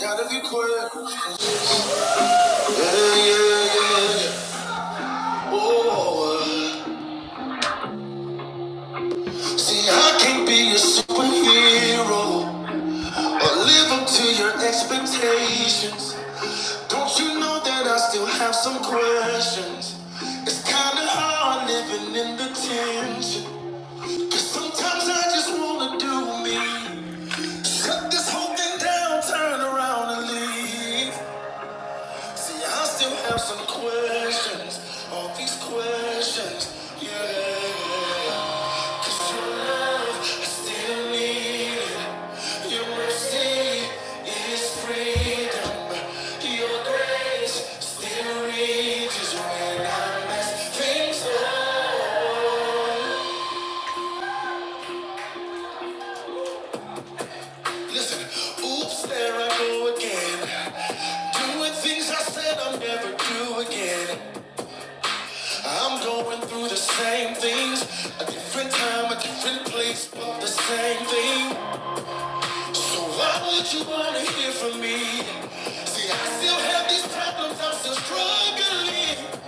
Gotta be quick. Yeah, yeah, yeah. Oh, see, I can't be a superhero or live up to your expectations. Don't you know that I still have some questions? It's kinda hard living in the tension. Cause sometimes I just wanna do me. Shut this whole thing down, turn around and leave. See, I still have some questions. All these questions, yeah. Cause your love, I still need it. Your mercy is freedom. Your grace still reaches when I mess things up. Listen, oops, there I go again. Doing things I said I'll never do again. I'm going through the same things, a different time, a different place, but the same thing. So why would you wanna hear from me? See, I still have these problems, I'm still struggling,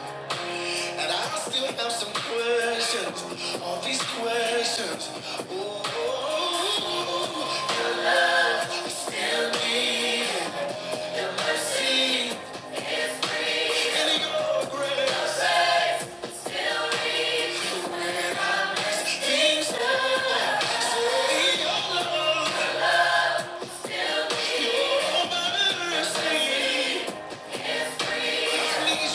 and I still have some questions. All these questions. Ooh, spare me mercy and your grace. Things that say your love. that's the truth. Just a pain in me. From my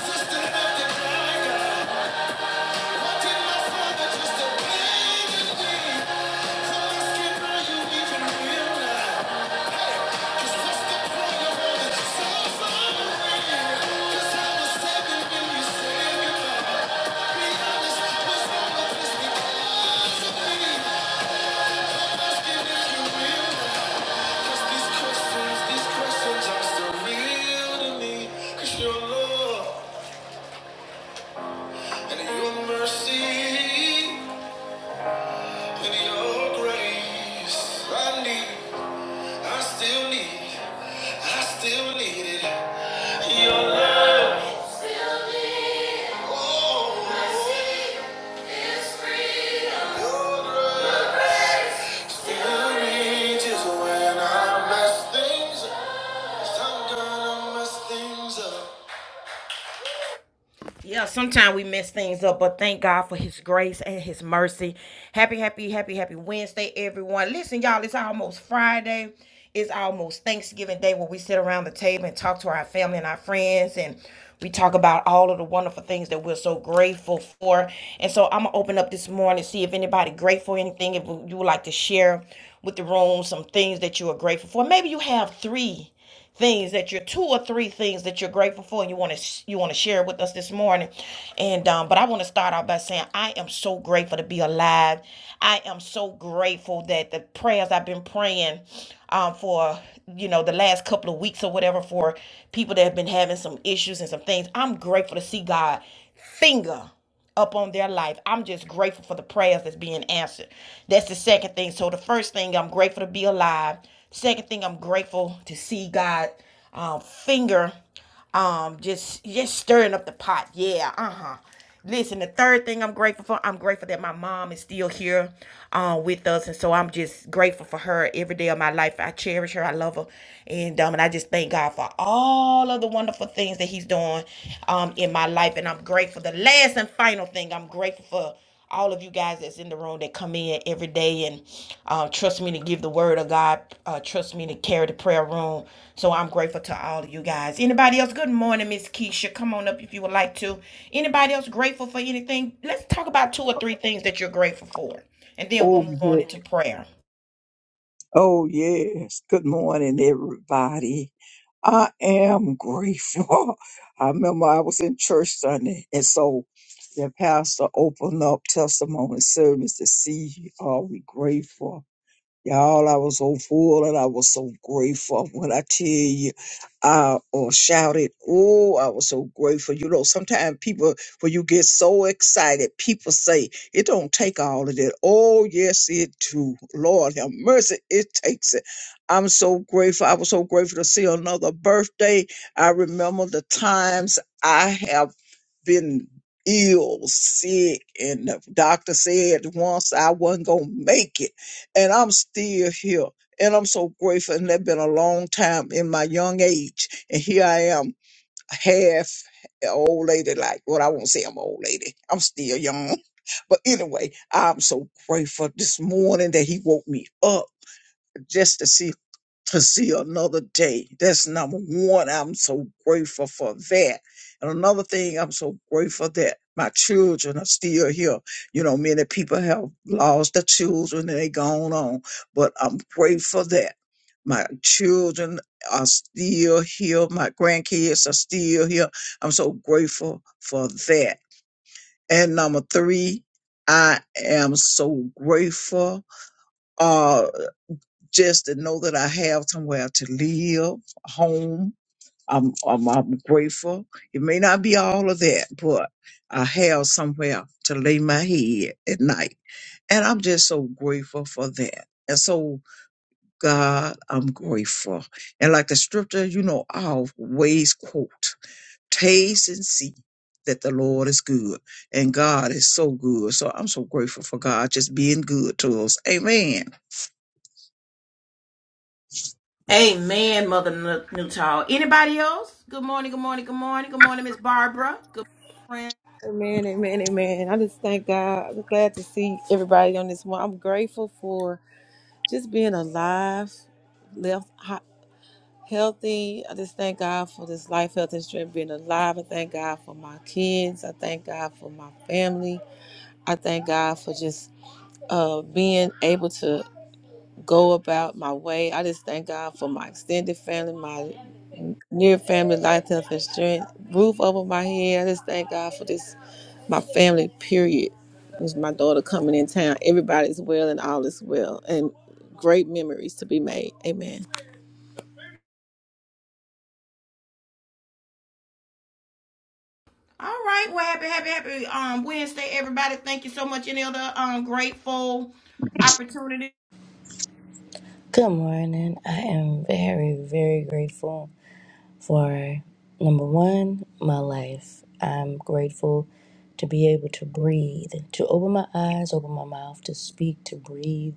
sister have to cry, God, I did my father just skin, now you even realize. I still need, I still need it. Your love. Still reaches when I mess things up. 'Cause I'm gonna mess things up. Yeah, sometimes we mess things up, but thank God for His grace and His mercy. Happy, happy, happy, happy Wednesday, everyone. Listen, y'all, it's almost Friday. It's almost Thanksgiving Day where we sit around the table and talk to our family and our friends, and we talk about all of the wonderful things that we're so grateful for. And so I'm gonna open up this morning, see if anybody grateful for anything, if you would like to share with the room some things that you are grateful for. Maybe you have three things that you're two or three things that you're grateful for and you want to you want to share with us this morning and um but i want to start out by saying i am so grateful to be alive i am so grateful that the prayers i've been praying um for you know the last couple of weeks or whatever for people that have been having some issues and some things i'm grateful to see god finger up on their life. I'm just grateful for the prayers that's being answered. That's the second thing. So the first thing, I'm grateful to be alive. Second thing, I'm grateful to see God um, finger, um, just just stirring up the pot. Yeah, uh huh. Listen, the third thing I'm grateful for, I'm grateful that my mom is still here uh, with us, and so I'm just grateful for her every day of my life. I cherish her, I love her, and um, and I just thank God for all of the wonderful things that he's doing um, in my life. And I'm grateful. The last and final thing, I'm grateful for all of you guys that's in the room that come in every day and uh, trust me to give the word of God. Uh, trust me to carry the prayer room. So I'm grateful to all of you guys. Anybody else? Good morning, Miss Keisha. Come on up if you would like to. Anybody else grateful for anything? Let's talk about two or three things that you're grateful for, and then Oh, we'll move on good. into prayer. Oh, yes. Good morning, everybody. I am grateful. I remember I was in church Sunday, and so the pastor opened up testimony service to see are we grateful. Y'all, I was so full and I was so grateful when I tell you, I uh, shouted, Oh, I was so grateful. You know, sometimes people, when you get so excited, people say, It don't take all of that. Oh, yes, it do. Lord have mercy, it takes it. I'm so grateful. I was so grateful to see another birthday. I remember the times I have been ill, sick, and the doctor said once I wasn't gonna make it, and I'm still here. And I'm so grateful, and that's been a long time in my young age. And here I am, half a old lady, like what I won't say I'm an old lady. I'm still young. But anyway, I'm so grateful this morning that he woke me up just to see to see another day. That's number one. I'm so grateful for that. And another thing, I'm so grateful that my children are still here. You know, many people have lost their children and they gone on, but I'm grateful that my children are still here. My grandkids are still here. I'm so grateful for that. And number three, I am so grateful uh, just to know that I have somewhere to live, a home. I'm, I'm, I'm grateful. It may not be all of that, but I have somewhere to lay my head at night. And I'm just so grateful for that. And so, God, I'm grateful. And like the scripture, you know, I always quote, taste and see that the Lord is good. And God is so good. So I'm so grateful for God just being good to us. Amen. Amen, Mother Newtall. Anybody else? Good morning, good morning, good morning, good morning, Miss Barbara. Good morning. friend. Amen, amen, amen. I just thank God. I'm glad to see everybody on this one. I'm grateful for just being alive, left hot, healthy. I just thank God for this life, health, and strength being alive. I thank God for my kids. I thank God for my family. I thank God for just uh, being able to go about my way. I just thank God for my extended family, my near family, life, health, and strength, roof over my head. I just thank God for this my family period is my daughter coming in town everybody's well and all is well and great memories to be made amen All right, well, happy, happy, happy um Wednesday, everybody. Thank you so much. Any other um grateful opportunity? Good morning. I am very, very grateful for number one, my life. I'm grateful to be able to breathe, to open my eyes, open my mouth, to speak, to breathe,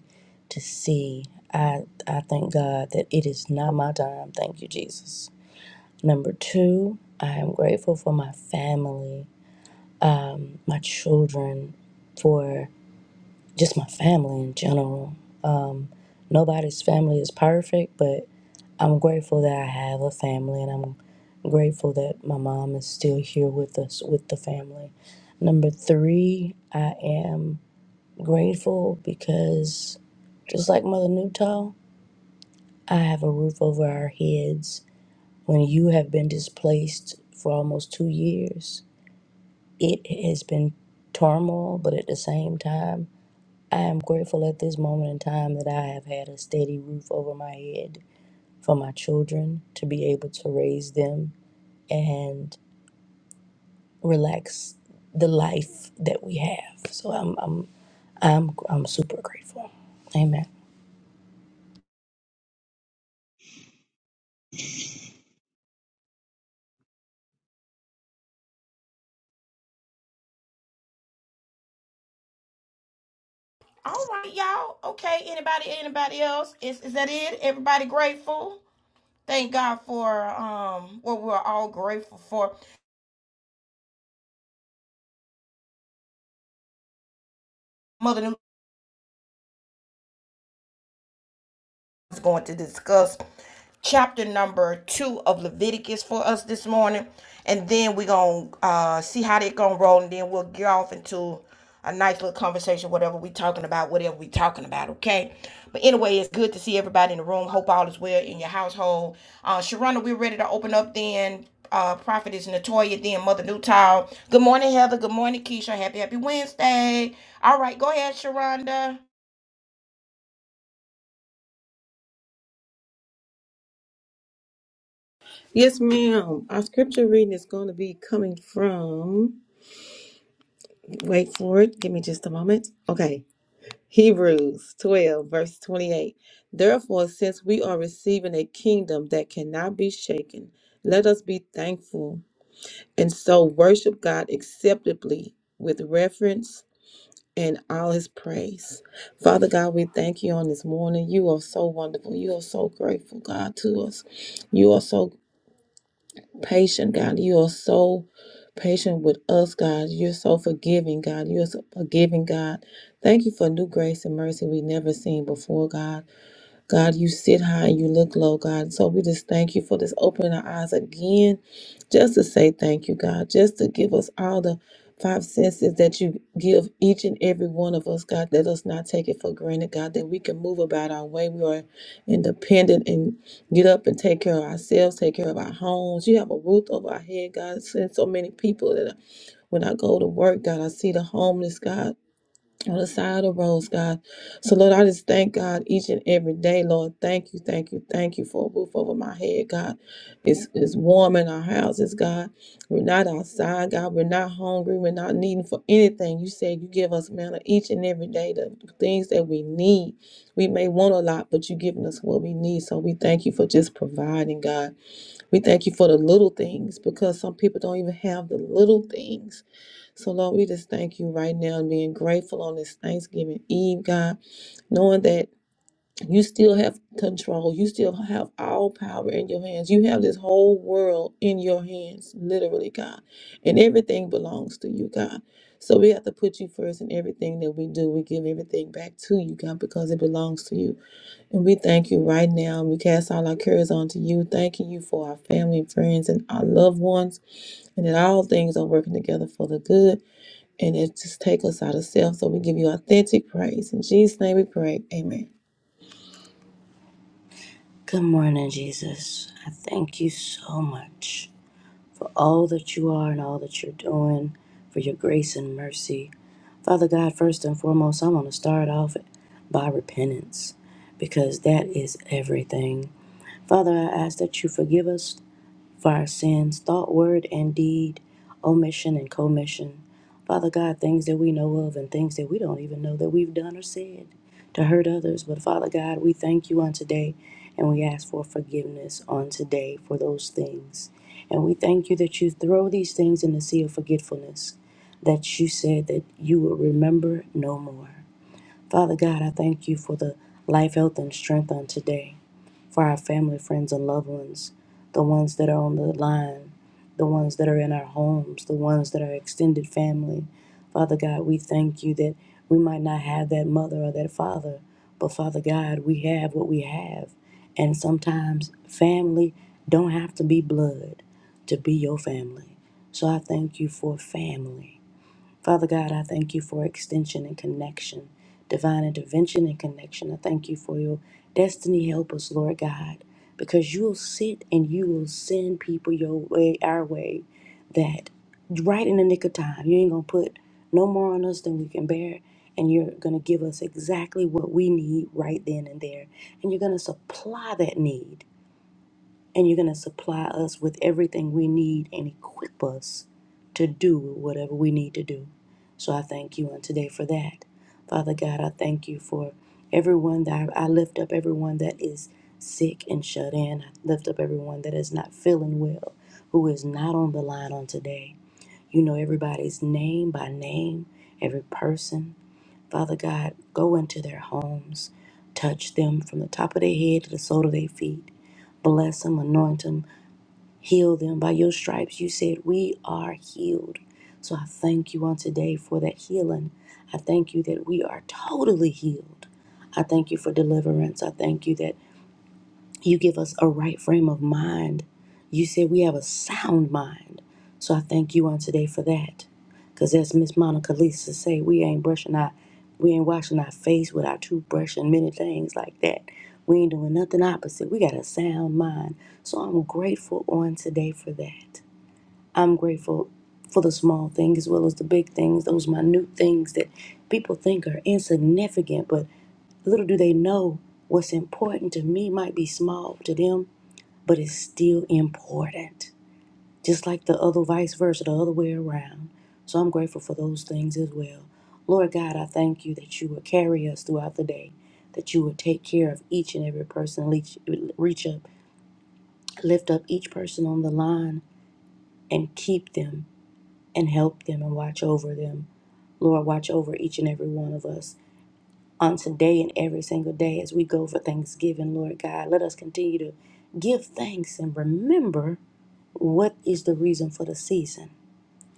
to see. I, I thank God that it is not my time. Thank you, Jesus. Number two, I am grateful for my family, my children, for just my family in general. Nobody's family is perfect, but I'm grateful that I have a family and I'm grateful that my mom is still here with us, with the family. Number three, I am grateful because just like Mother Newtall, I have a roof over our heads. When you have been displaced for almost two years, it has been turmoil, but at the same time, I am grateful at this moment in time that I have had a steady roof over my head for my children to be able to raise them and relax the life that we have. So I'm I'm I'm I'm super grateful. Amen. All right, y'all. Okay, anybody, anybody else? Is is that it? Everybody grateful? Thank God for um what we're all grateful for. Mother Newtall. is going to discuss chapter number two of Leviticus for us this morning, and then we're gonna uh, see how they gonna roll, and then we'll get off into a nice little conversation, whatever we talking about, whatever we talking about, okay? But anyway, it's good to see everybody in the room. Hope all is well in your household. Uh, Sharona, we're ready to open up then. Uh, Prophetess Natoya, then Mother Newtile. Good morning, Heather. Good morning, Keisha. Happy, happy Wednesday. All right, go ahead, Sharonda. yes ma'am our scripture reading is going to be coming from wait for it give me just a moment okay hebrews 12 verse 28 therefore since we are receiving a kingdom that cannot be shaken let us be thankful and so worship god acceptably with reverence and all his praise. Father God, we thank you on this morning. You are so wonderful. You are so grateful, God, to us. You are so patient, God. You are so patient with us, God. You're so forgiving, God. You're so forgiving, God. Thank you for new grace and mercy we never seen before, God. God, you sit high and you look low, God. So we just thank you for this opening our eyes again, just to say thank you, God, just to give us all the five senses that you give each and every one of us, God. Let us not take it for granted, God, that we can move about our way. We are independent and get up and take care of ourselves, take care of our homes. You have a roof over our head, God. Send so many people that when I go to work, God, I see the homeless, God on the side of the roads, God. So, Lord, I just thank God each and every day, Lord. Thank you, thank you, thank you for a roof over my head, God. It's, it's warm in our houses, God. We're not outside, God. We're not hungry. We're not needing for anything. You said you give us manna each and every day, the things that we need. We may want a lot, but you're giving us what we need. So we thank you for just providing, God. We thank you for the little things because some people don't even have the little things so, Lord, we just thank you right now and being grateful on this Thanksgiving Eve, God, knowing that you still have control. You still have all power in your hands. You have this whole world in your hands, literally, God. And everything belongs to you, God. So we have to put you first in everything that we do. We give everything back to you, God, because it belongs to you. And we thank you right now. we cast all our cares onto you, thanking you for our family and friends and our loved ones, and that all things are working together for the good and it just take us out of self. So we give you authentic praise. In Jesus' name we pray. Amen. Good morning, Jesus. I thank you so much for all that you are and all that you're doing, for your grace and mercy. Father God, first and foremost, I want to start off by repentance because that is everything. Father, I ask that you forgive us for our sins, thought, word, and deed, omission and commission. Father God, things that we know of and things that we don't even know that we've done or said to hurt others. But Father God, we thank you on today and we ask for forgiveness on today for those things. And we thank you that you throw these things in the sea of forgetfulness, that you said that you will remember no more. Father God, I thank you for the life, health, and strength on today for our family, friends, and loved ones, the ones that are on the line, the ones that are in our homes, the ones that are extended family. Father God, we thank you that we might not have that mother or that father, but Father God, we have what we have. And sometimes family don't have to be blood to be your family. So I thank you for family. Father God, I thank you for extension and connection, divine intervention and connection. I thank you for your destiny. Help us, Lord God, because you'll sit and you will send people your way, our way, that right in the nick of time, you ain't going to put no more on us than we can bear. And you're going to give us exactly what we need right then and there. And you're going to supply that need. And you're going to supply us with everything we need and equip us to do whatever we need to do. So I thank you on today for that. Father God, I thank you for everyone that I lift up, everyone that is sick and shut in. I lift up everyone that is not feeling well, who is not on the line on today. You know everybody's name by name, every person. Father God, go into their homes, touch them from the top of their head to the sole of their feet. Bless them, anoint them, heal them. By your stripes, you said, We are healed. So I thank you on today for that healing. I thank you that we are totally healed. I thank you for deliverance. I thank you that you give us a right frame of mind. You say we have a sound mind. So I thank you on today for that. Because as Miss Monica Lisa say, we ain't brushing our, we ain't washing our face with our toothbrush and many things like that. We ain't doing nothing opposite. We got a sound mind. So I'm grateful on today for that. I'm grateful for the small things as well as the big things, those minute things that people think are insignificant, but little do they know what's important to me might be small to them but it's still important, just like the other vice versa, the other way around. So I'm grateful for those things as well. Lord God, I thank you that you will carry us throughout the day, that you will take care of each and every person, reach, reach up, lift up each person on the line and keep them and help them and watch over them. Lord, watch over each and every one of us on today and every single day as we go for Thanksgiving, Lord God. Let us continue to give thanks and remember What is the reason for the season?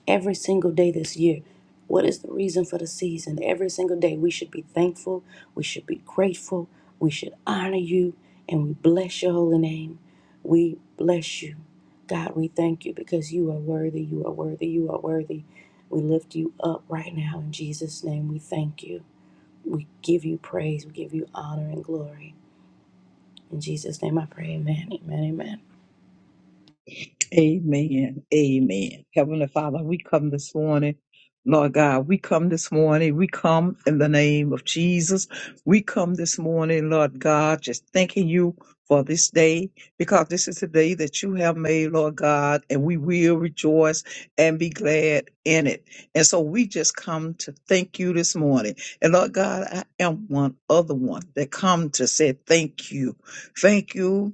Every single day this year, what is the reason for the season? Every single day, we should be thankful, we should be grateful, we should honor you, and we bless your holy name. We bless you. God, we thank you because you are worthy, you are worthy, you are worthy. We lift you up right now in Jesus' name. We thank you. We give you praise, we give you honor and glory. In Jesus' name I pray, amen, amen, amen. Amen. Amen. Heavenly Father, we come this morning. Lord God, we come this morning. We come in the name of Jesus. We come this morning, Lord God, just thanking you for this day because this is the day that you have made, Lord God, and we will rejoice and be glad in it. And so we just come to thank you this morning. And Lord God, I am one other one that come to say thank you. Thank you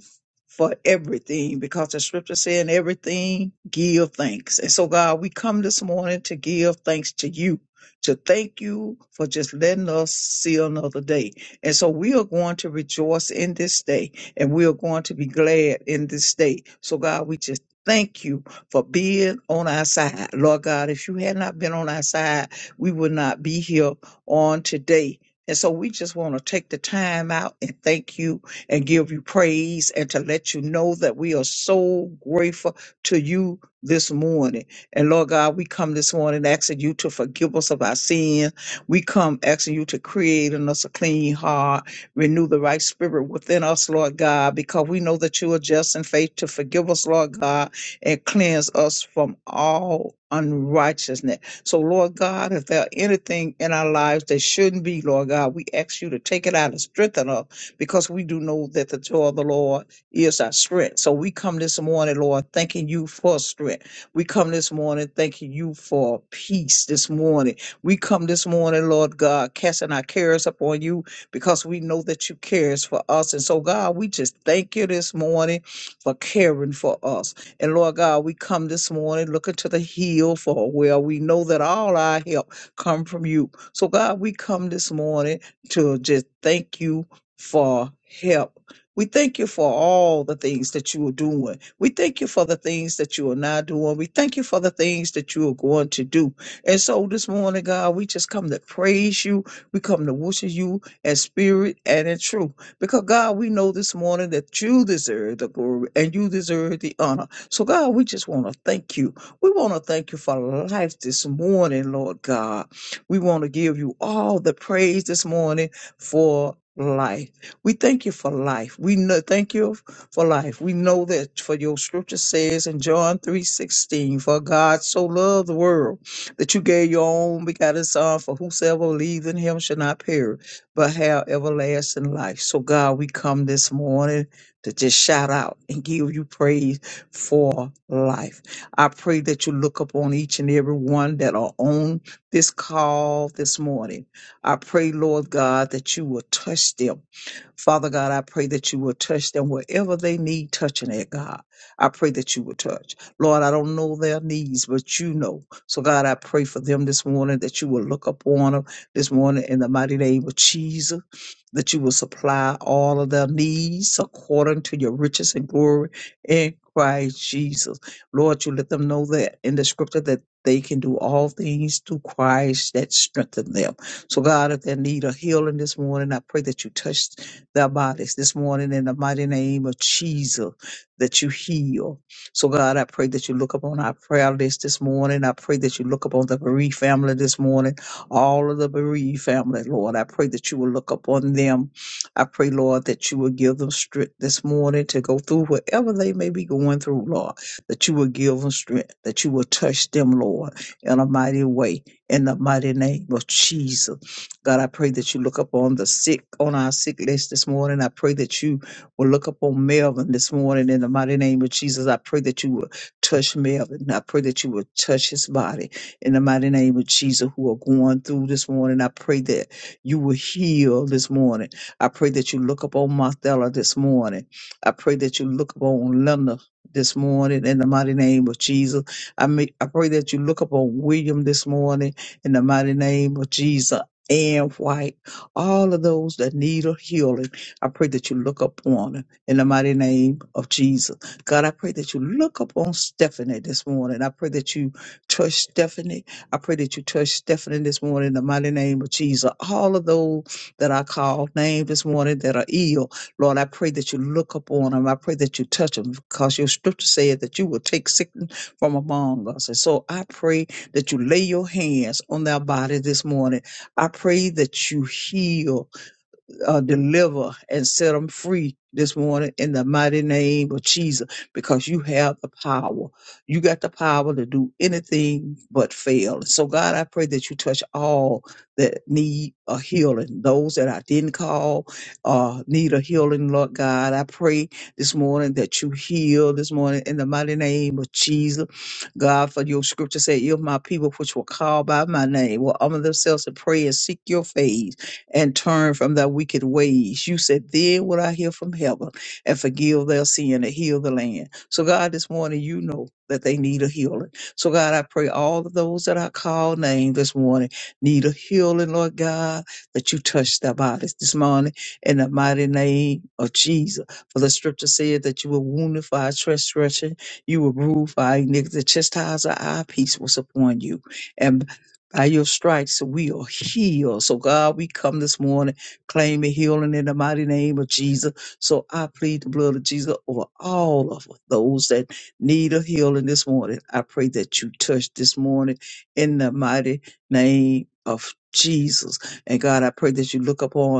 for everything because the scripture saying everything give thanks. And so God, we come this morning to give thanks to you, to thank you for just letting us see another day. And so we are going to rejoice in this day and we are going to be glad in this day. So God, we just Thank you for being on our side. Lord God, if you had not been on our side, we would not be here on today. And so we just want to take the time out and thank you and give you praise and to let you know that we are so grateful to you this morning. And Lord God, we come this morning asking you to forgive us of our sins. We come asking you to create in us a clean heart, renew the right spirit within us, Lord God, because we know that you are just in faith to forgive us, Lord God, and cleanse us from all unrighteousness. So, Lord God, if there are anything in our lives that shouldn't be, Lord God, we ask you to take it out and strengthen us because we do know that the joy of the Lord is our strength. So we come this morning, Lord, thanking you for strength. We come this morning thanking you for peace this morning. We come this morning, Lord God, casting our cares upon you because we know that you cares for us. And so, God, we just thank you this morning for caring for us. And Lord God, we come this morning looking to the hill for where we know that all our help come from you. So, God, we come this morning to just thank you for help. We thank you for all the things that you are doing. We thank you for the things that you are not doing. We thank you for the things that you are going to do. And so this morning, God, we just come to praise you. We come to worship you in spirit and in truth. Because God, we know this morning that you deserve the glory and you deserve the honor. So God, we just want to thank you. We want to thank you for life this morning, Lord God. We want to give you all the praise this morning for life. We thank you for life. We know, thank you for life. We know that for your scripture says in John 3:16, for God so loved the world that you gave your own begotten son for whosoever believes in him shall not perish, but have everlasting life. So God, we come this morning to just shout out and give you praise for life. I pray that you look upon each and every one that are on this call this morning I pray, Lord God, that you will touch them. Father God, I pray that you will touch them wherever they need touching at, God. I pray that you will touch. Lord, I don't know their needs, but you know. So, God, I pray for them this morning that you will look upon them this morning in the mighty name of Jesus, that you will supply all of their needs according to your riches and glory in Christ Jesus. Lord, you let them know that in the scripture that they can do all things through Christ that strengthen them. So, God, if they need a healing this morning, I pray that you touch their bodies this morning in the mighty name of Jesus that you heal. So, God, I pray that you look upon our prayer list this morning. I pray that you look upon the bereaved family this morning, all of the bereaved family, Lord. I pray that you will look upon them. I pray, Lord, that you will give them strength this morning to go through whatever they may be going through, Lord, that you will give them strength, that you will touch them, Lord, in a mighty way, in the mighty name of Jesus. God, I pray that you look up on the sick, on our sick list this morning. I pray that you will look up on Melvin this morning in the mighty name of Jesus. I pray that you will touch Melvin. I pray that you will touch his body in the mighty name of Jesus who are going through this morning. I pray that you will heal this morning. I pray that you look up on Marthella this morning. I pray that you look up on Linda this morning in the mighty name of Jesus. I may, I pray that you look up on William this morning in the mighty name of Jesus. Ann White, all of those that need a healing. I pray that you look upon them in the mighty name of Jesus. God, I pray that you look upon Stephanie this morning. I pray that you touch Stephanie. I pray that you touch Stephanie this morning in the mighty name of Jesus. All of those that I call name this morning that are ill, Lord, I pray that you look upon them. I pray that you touch them because your scripture said that you will take sickness from among us. And so I pray that you lay your hands on their body this morning I pray that you heal uh, deliver and set them free this morning in the mighty name of Jesus because you have the power. You got the power to do anything but fail. So, God, I pray that you touch all that need a healing. Those that I didn't call uh, need a healing, Lord God. I pray this morning that you heal this morning in the mighty name of Jesus. God, for your scripture said, If my people which were called by my name will humble themselves and pray and seek your face and turn from their wicked ways. You said, Then will I hear from heaven and forgive their sin and heal the land. So, God, this morning, you know that they need a healing. So, God, I pray all of those that I call name this morning need a healing, Lord God, that you touch their bodies this morning in the mighty name of Jesus. For the scripture said that you were wounded for our transgression, you were bruised for our iniquity. The chastisement of our peace was upon you and. By your stripes, we are healed. So, God, we come this morning claiming healing in the mighty name of Jesus. So, I plead the blood of Jesus over all of those that need a healing this morning. I pray that you touch this morning in the mighty name of Jesus. And, God, I pray that you look upon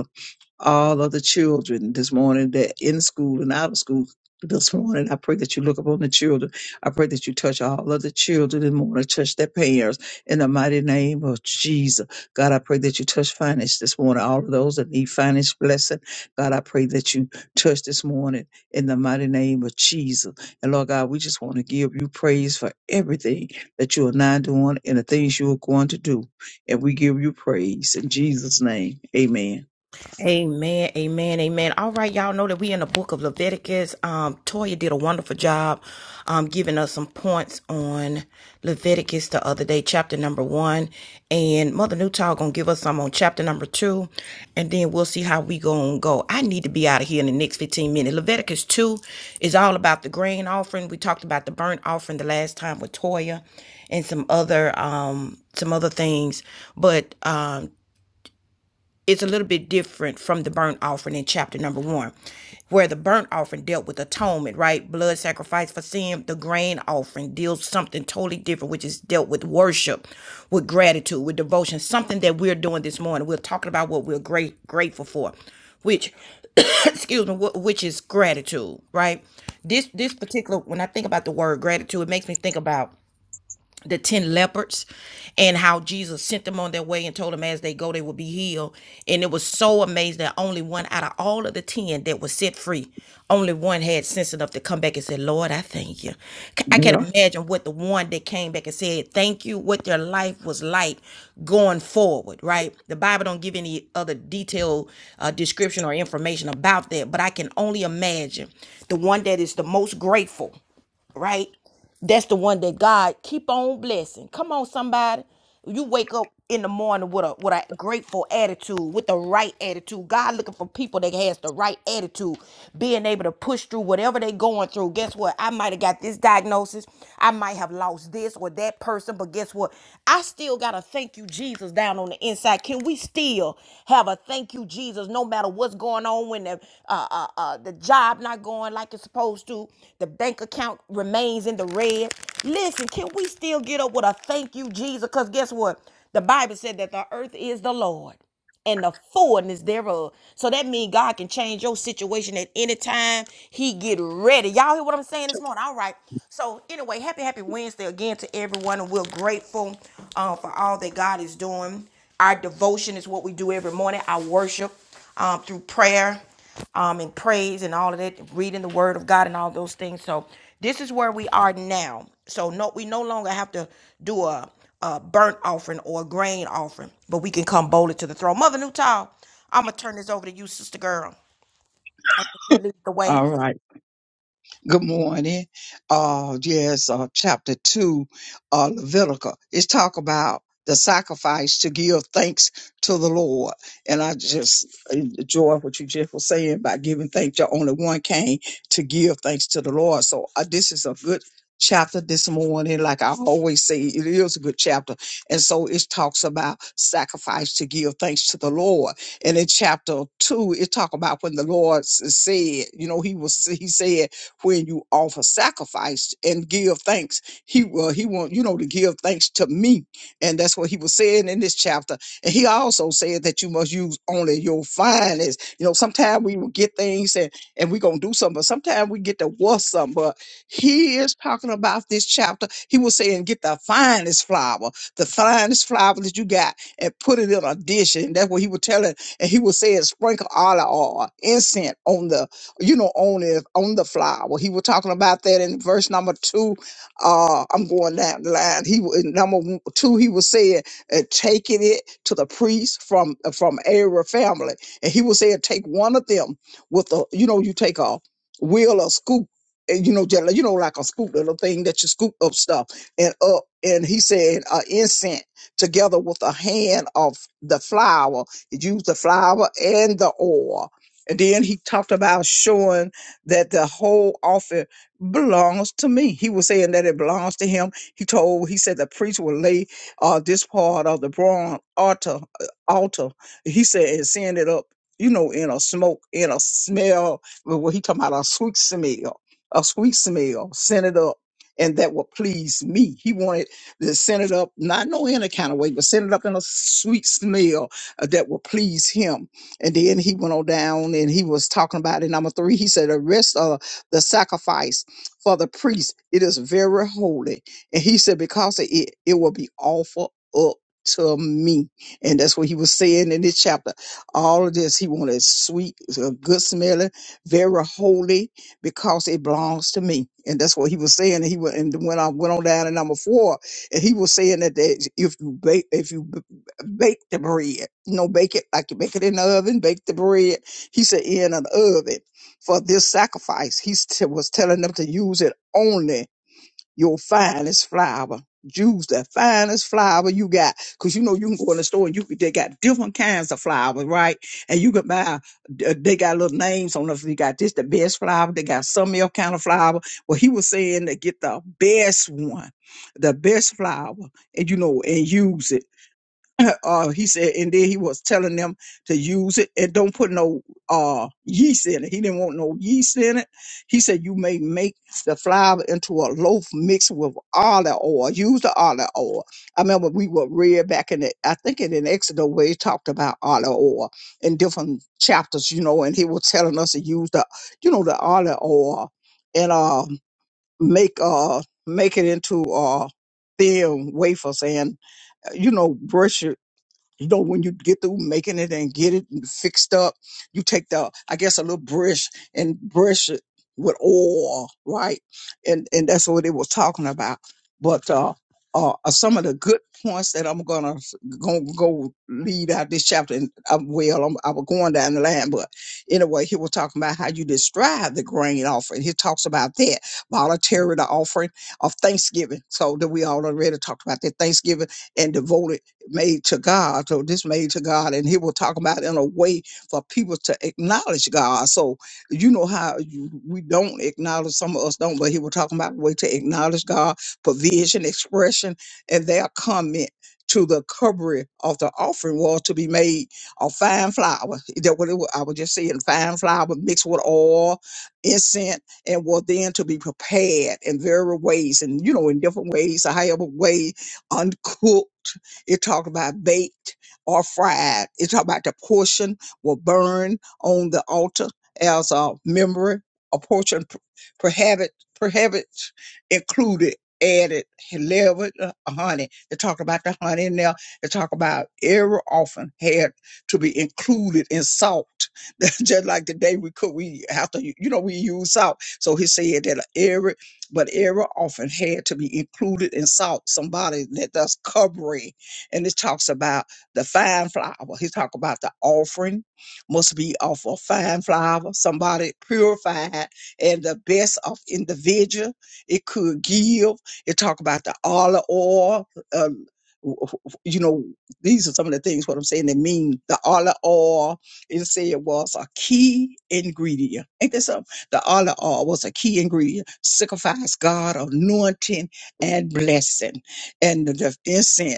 all of the children this morning that in school and out of school this morning. I pray that you look upon the children. I pray that you touch all of the children and morning, touch their parents in the mighty name of Jesus. God, I pray that you touch finance this morning. All of those that need finance blessing. God, I pray that you touch this morning in the mighty name of Jesus. And Lord God, we just want to give you praise for everything that you are now doing and the things you are going to do. And we give you praise in Jesus' name. Amen. Amen, amen, amen. All right, y'all know that we in the book of Leviticus. Um, Toya did a wonderful job um giving us some points on Leviticus the other day, chapter number one. And Mother Newtall gonna give us some on chapter number two, and then we'll see how we gonna go. I need to be out of here in the next 15 minutes. Leviticus 2 is all about the grain offering. We talked about the burnt offering the last time with Toya and some other um some other things. But um is a little bit different from the burnt offering in chapter number one, where the burnt offering dealt with atonement, right? Blood sacrifice for sin. The grain offering deals something totally different, which is dealt with worship, with gratitude, with devotion, something that we're doing this morning. We're talking about what we're great grateful for, which excuse me, which is gratitude, right? This this particular when I think about the word gratitude, it makes me think about the 10 lepers, and how Jesus sent them on their way and told them as they go, they will be healed. And it was so amazing that only one out of all of the 10 that was set free, only one had sense enough to come back and say, Lord, I thank you. C- I can imagine what the one that came back and said, thank you, what their life was like going forward, right? The Bible don't give any other detailed uh, description or information about that, but I can only imagine the one that is the most grateful right? That's the one that God keep on blessing. Come on, somebody. You wake up in the morning with a with a grateful attitude, with the right attitude. God looking for people that has the right attitude, being able to push through whatever they going through. Guess what? I might have got this diagnosis. I might have lost this or that person, but guess what? I still got a thank you Jesus down on the inside. Can we still have a thank you? Thank you, Jesus. No matter what's going on, when the uh, uh, uh, the job not going like it's supposed to, the bank account remains in the red. Listen, can we still get up with a thank you, Jesus? Because guess what? The Bible said that the earth is the Lord and the fullness thereof. So that means God can change your situation at any time. He get ready. Y'all hear what I'm saying this morning? All right. So anyway, happy happy Wednesday again to everyone, and we're grateful uh, for all that God is doing. Our devotion is what we do every morning. Our worship um, through prayer um, and praise and all of that, reading the Word of God and all those things. So this is where we are now. So no, we no longer have to do a, a burnt offering or a grain offering, but we can come boldly to the throne. Mother Newtall, I'm gonna turn this over to you, sister girl. I think you lead the way. All right. Good morning. Uh, yes, uh, chapter two, uh, Leviticus. It's talk about the sacrifice to give thanks to the Lord. And I just enjoy what you just were saying about giving thanks. You only one came to give thanks to the Lord. So uh, this is a good chapter this morning. Like I always say, it is a good chapter. And so it talks about sacrifice to give thanks to the Lord. And in chapter two, it talk about when the Lord s- said, you know, he was, he said, when you offer sacrifice and give thanks. He will he want you know to give thanks to me. And that's what he was saying in this chapter. And he also said that you must use only your finest. You know, sometimes we will get things and, and we're gonna do something, but sometimes we get to worth something. But he is talking about this chapter. He was saying, get the finest flour, the finest flour that you got, and put it in a dish. And that's what he was telling. And he was saying, sprinkle olive oil, incense on the you know, on it on the flower. He was talking about that in verse number two. Uh, I'm going down the line. He wa- in number w- two, he was saying, uh, taking it to the priest from uh, from Aaron family, and he was saying, take one of them with a, you know, you take a wheel or scoop. And you know, just, like- you know, like a scoop little thing that you scoop up stuff and up. And he said, uh, incense together with a hand of the flour. Use the flour and the oil and then he talked about showing that the whole offer belongs to me. He was saying that it belongs to him. He told, he said the priest will lay uh, this part of the bronze altar, uh, altar. He said, and send it up, you know, in a smoke, in a smell. Well, what he talking about, a sweet smell, a sweet smell, send it up. And that will please me. He wanted to send it up, not no any kind of way, but send it up in a sweet smell uh, that will please him and then he went on down and he was talking about in number three, he said, The rest of the sacrifice for the priest, it is very holy. And he said, Because of it, it will be offered up to me. And that's what he was saying in this chapter. All of this, he wanted sweet, uh, good smelling, very holy, because it belongs to me. And that's what he was saying. And he went and went on, went on down to number four. And he was saying that, that if you bake, if you bake the bread. You know, bake it like you bake it in the oven, bake the bread. He said, in an oven for this sacrifice. He t- was telling them to use it only your finest flour. Use the finest flour you got. Cause you know, you can go in the store and you can, they got different kinds of flour, right? And you can buy, uh, they got little names on them. They got this, the best flour. They got some other kind of flour. Well, he was saying to get the best one, the best flour and you know, and use it. Uh, he said, and then he was telling them to use it and don't put no uh yeast in it. He didn't want no yeast in it. He said, you may make the flour into a loaf mixed with olive oil. Use the olive oil. I remember we were read back in it. I think in Exodus where he talked about olive oil in different chapters, you know, and he was telling us to use the, you know, the olive oil and uh make uh make it into uh thin wafers and you know, brush it you know, when you get through making it and get it fixed up, you take the, I guess, a little brush and brush it with oil, right? And and that's what it was talking about. But uh, uh, some of the good points that I'm gonna go, go lead out this chapter, and I'm, well, I'm, I was going down the line, but anyway, he was talking about how you describe the grain offering. He talks about that voluntary the offering of Thanksgiving. So that we all already talked about that Thanksgiving and devoted made to God. So this made to God, and he was talking about in a way for people to acknowledge God. So you know how you, we don't acknowledge some of us don't, but he was talking about a way to acknowledge God, provision, expression, and their comment to the covering of the offering was to be made of fine flour. That what it was, I was just saying, fine flour mixed with oil, incense, and was then to be prepared in various ways, and you know in different ways, or however way uncooked. It talked about baked or fried. It talked about the portion will burn on the altar as a memory, a portion p- prohibit, prohibits included, added, leavened, uh, honey. They talk about the honey in there. They talk about every often had to be included in salt. Just like the day we cook, we have to, you know, we use salt. So he said that every but every often had to be included in salt. Somebody that does covering and it talks about the fine flour. He talk about the offering must be of a fine flour, somebody purified and the best of individual it could give. It talk about the olive oil. Um, w- w- you know, these are some of the things what I'm saying they mean. The olive oil, it said was a key ingredient. Ain't that something? The olive oil was a key ingredient, signifies God anointing and blessing. And the incense.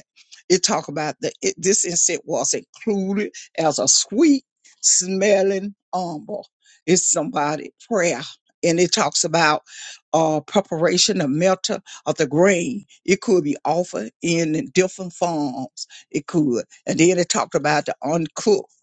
It talk about the it, this incense was included as a sweet smelling umber. It's somebody prayer, and it talks about uh, preparation of melter of the grain. It could be offered in different forms. It could, and then it talked about the uncooked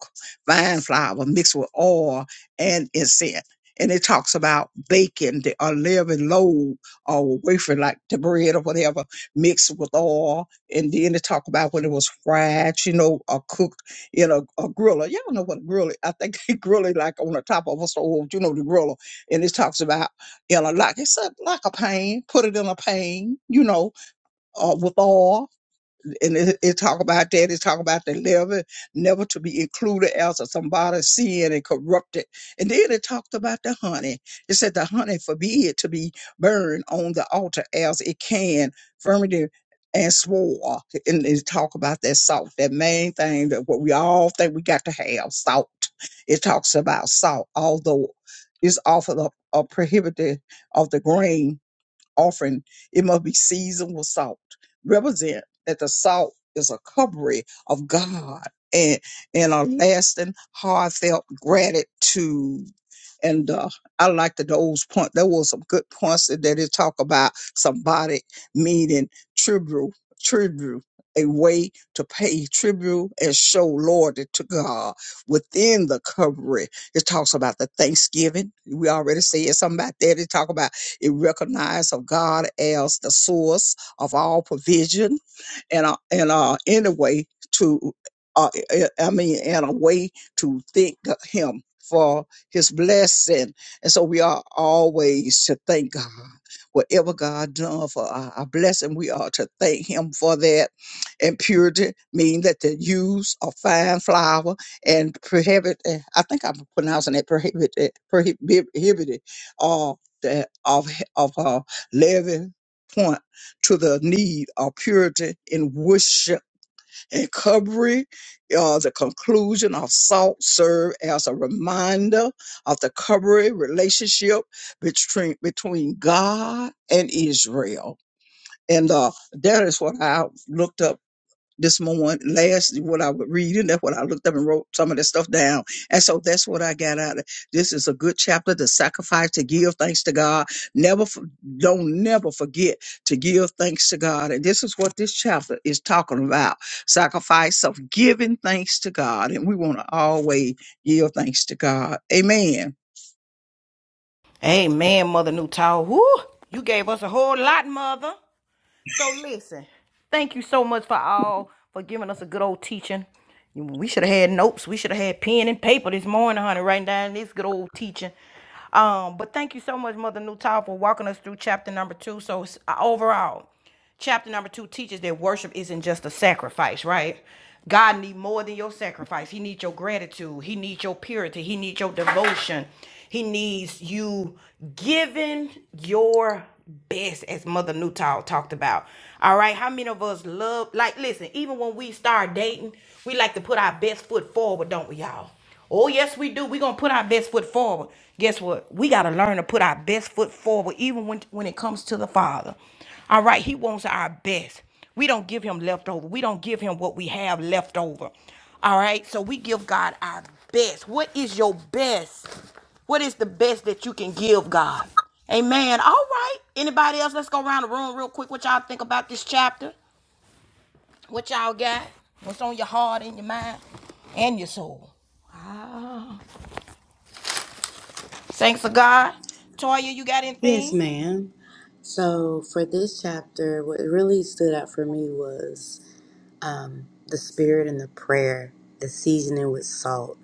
vine flour mixed with oil and incense. And it talks about baking the unleavened loaf or wafer like the bread or whatever mixed with oil and then to talk about when it was fried, you know, or cooked in a, a griller. Y'all know what a griller. I think they grill it like on the top of a stove, you know, the griller. And it talks about you know, like it's a, like a pan. Put it in a pan, you know, uh, with oil and it, it talk about that. It talk about the leaven never to be included as of somebody's sin and corrupted. And then it talked about the honey. It said the honey forbid to be burned on the altar as it can ferment and swore. And it talk about that salt, that main thing that what we all think we got to have, salt. It talks about salt, although it's often a, a prohibited of the grain offering, it must be seasoned with salt. Represent that the salt is a covering of God and, and a lasting, heartfelt gratitude. And uh, I like the those point. There was some good points that they talk about somebody meaning tribute, tribute, a way to pay tribute and show loyalty to God within the covering. It talks about the Thanksgiving. We already said something about that. It talk about it recognized of God as the source of all provision and uh, and uh, in a way to uh, I I mean in a way to thank Him for His blessing, and so we are always to thank God. Whatever God done for our our blessing, we are to thank Him for that. And purity mean that the use of fine flour and prohibit. eh, I think I'm pronouncing that prohibit eh, prohibi- prohibited. uh, that of, of her living point to the need of purity in worship and covering. Uh, the conclusion of salt serve as a reminder of the covering relationship between, between God and Israel. And uh, that is what I looked up this morning, last what I was reading, that's what I looked up and wrote some of this stuff down. And so that's what I got out of this is a good chapter to sacrifice, to give thanks to God. Never, f- don't never forget to give thanks to God. And this is what this chapter is talking about sacrifice of giving thanks to God. And we want to always give thanks to God. Amen. Amen, Mother Newtall. Whoo, you gave us a whole lot, Mother. So listen, thank you so much for all for giving us a good old teaching. We should have had notes. We should have had pen and paper this morning, honey, writing down this good old teaching. Um, but thank you so much, Mother Newtile, for walking us through chapter number two. So uh, overall, chapter number two teaches that worship isn't just a sacrifice, right? God needs more than your sacrifice. He needs your gratitude. He needs your purity. He needs your devotion. He needs you giving your best, as Mother Newtile talked about. All right, how many of us love? Like, listen, even when we start dating, we like to put our best foot forward, don't we, y'all? Oh, yes, we do. We're going to put our best foot forward. Guess what? We got to learn to put our best foot forward, even when, when it comes to the Father. All right, He wants our best. We don't give Him leftover. We don't give Him what we have left over. All right, so we give God our best. What is your best? What is the best that you can give God? Amen. All right. Anybody else? Let's go around the room real quick. What y'all think about this chapter? What y'all got? What's on your heart and your mind and your soul? Thanks to God. Toya, you got Yes, anything? ma'am. So for this chapter, what really stood out for me was um, the spirit and the prayer, the seasoning with salt.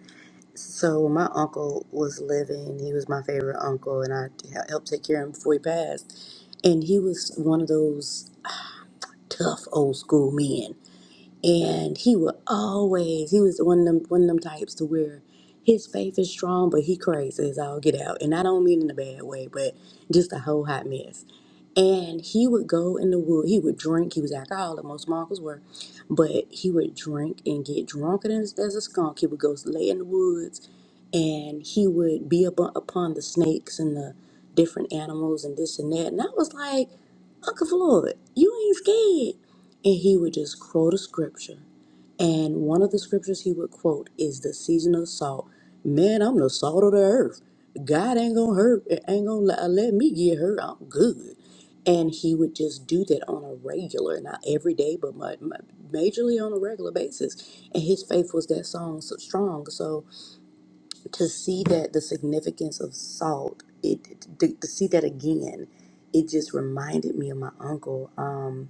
So when my uncle was living, he was my favorite uncle, and I helped take care of him before he passed. And he was one of those tough old school men and he would always he was one of them one of them types to where his faith is strong but he crazy as all get out and i don't mean in a bad way but just a whole hot mess and he would go in the wood he would drink he was alcoholic most uncles were but he would drink and get drunk as, as a skunk he would go lay in the woods and he would be up upon the snakes and the different animals and this and that. And I was like, Uncle Floyd, you ain't scared. And he would just quote a scripture. And one of the scriptures he would quote is the season of salt. Man, I'm the salt of the earth. God ain't gonna hurt, eh, ain't gonna let let me get hurt. I'm good. And he would just do that on a regular, not every day, but mu- mu- majorly on a regular basis. And his faith was that song so strong. so to see that the significance of salt it to, to see that again it just reminded me of my uncle um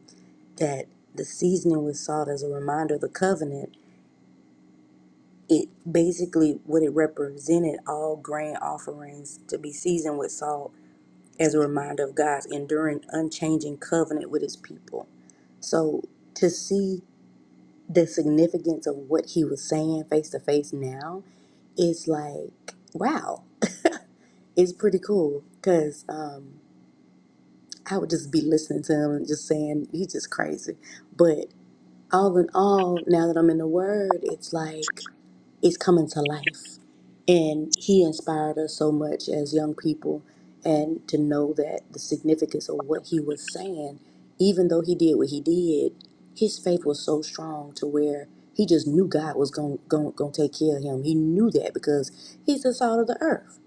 that the seasoning with salt as a reminder of the covenant it basically what it represented all grain offerings to be seasoned with salt as a reminder of god's enduring unchanging covenant with his people so to see the significance of what he was saying face to face now is like wow it's pretty cool because Um, I would just be listening to him and just saying he's just crazy. But all in all, now that I'm in the Word, it's like is coming to life. And he inspired us so much as young people and to know that the significance of what he was saying, even though he did what he did, his faith was so strong to where he just knew God was going going going to take care of him. He knew that because he's the salt of the earth.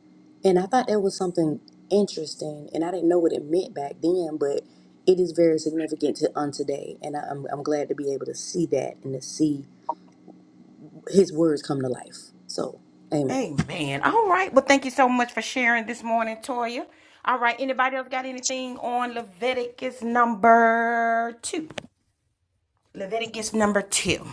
And I thought that was something interesting, and I didn't know what it meant back then, but it is very significant to unto day, And I, I'm, I'm glad to be able to see that and to see his words come to life. So, amen. Amen. All right. Well, thank you so much for sharing this morning, Toya. All right. Anybody else got anything on Leviticus number two? Leviticus number two.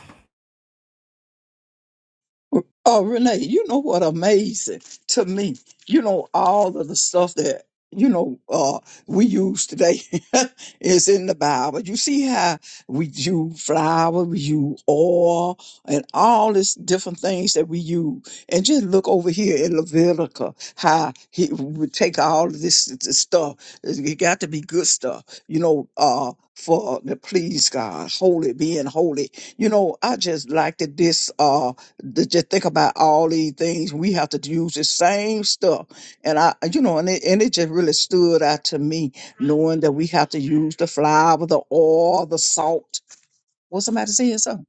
Oh, Renee, you know what amazing to me? You know, all of the stuff that, you know, uh, we use today is in the Bible. You see how we use flour, we use oil, and all these different things that we use. And just look over here in Leviticus, how he would take all of this, this stuff. It got to be good stuff, you know, uh, for to please God, holy, being holy. You know, I just liked it, this. uh th- just think about all these things we have to use the same stuff and i you know and it, and it just really stood out to me knowing that we have to use the flour the oil the salt was somebody saying something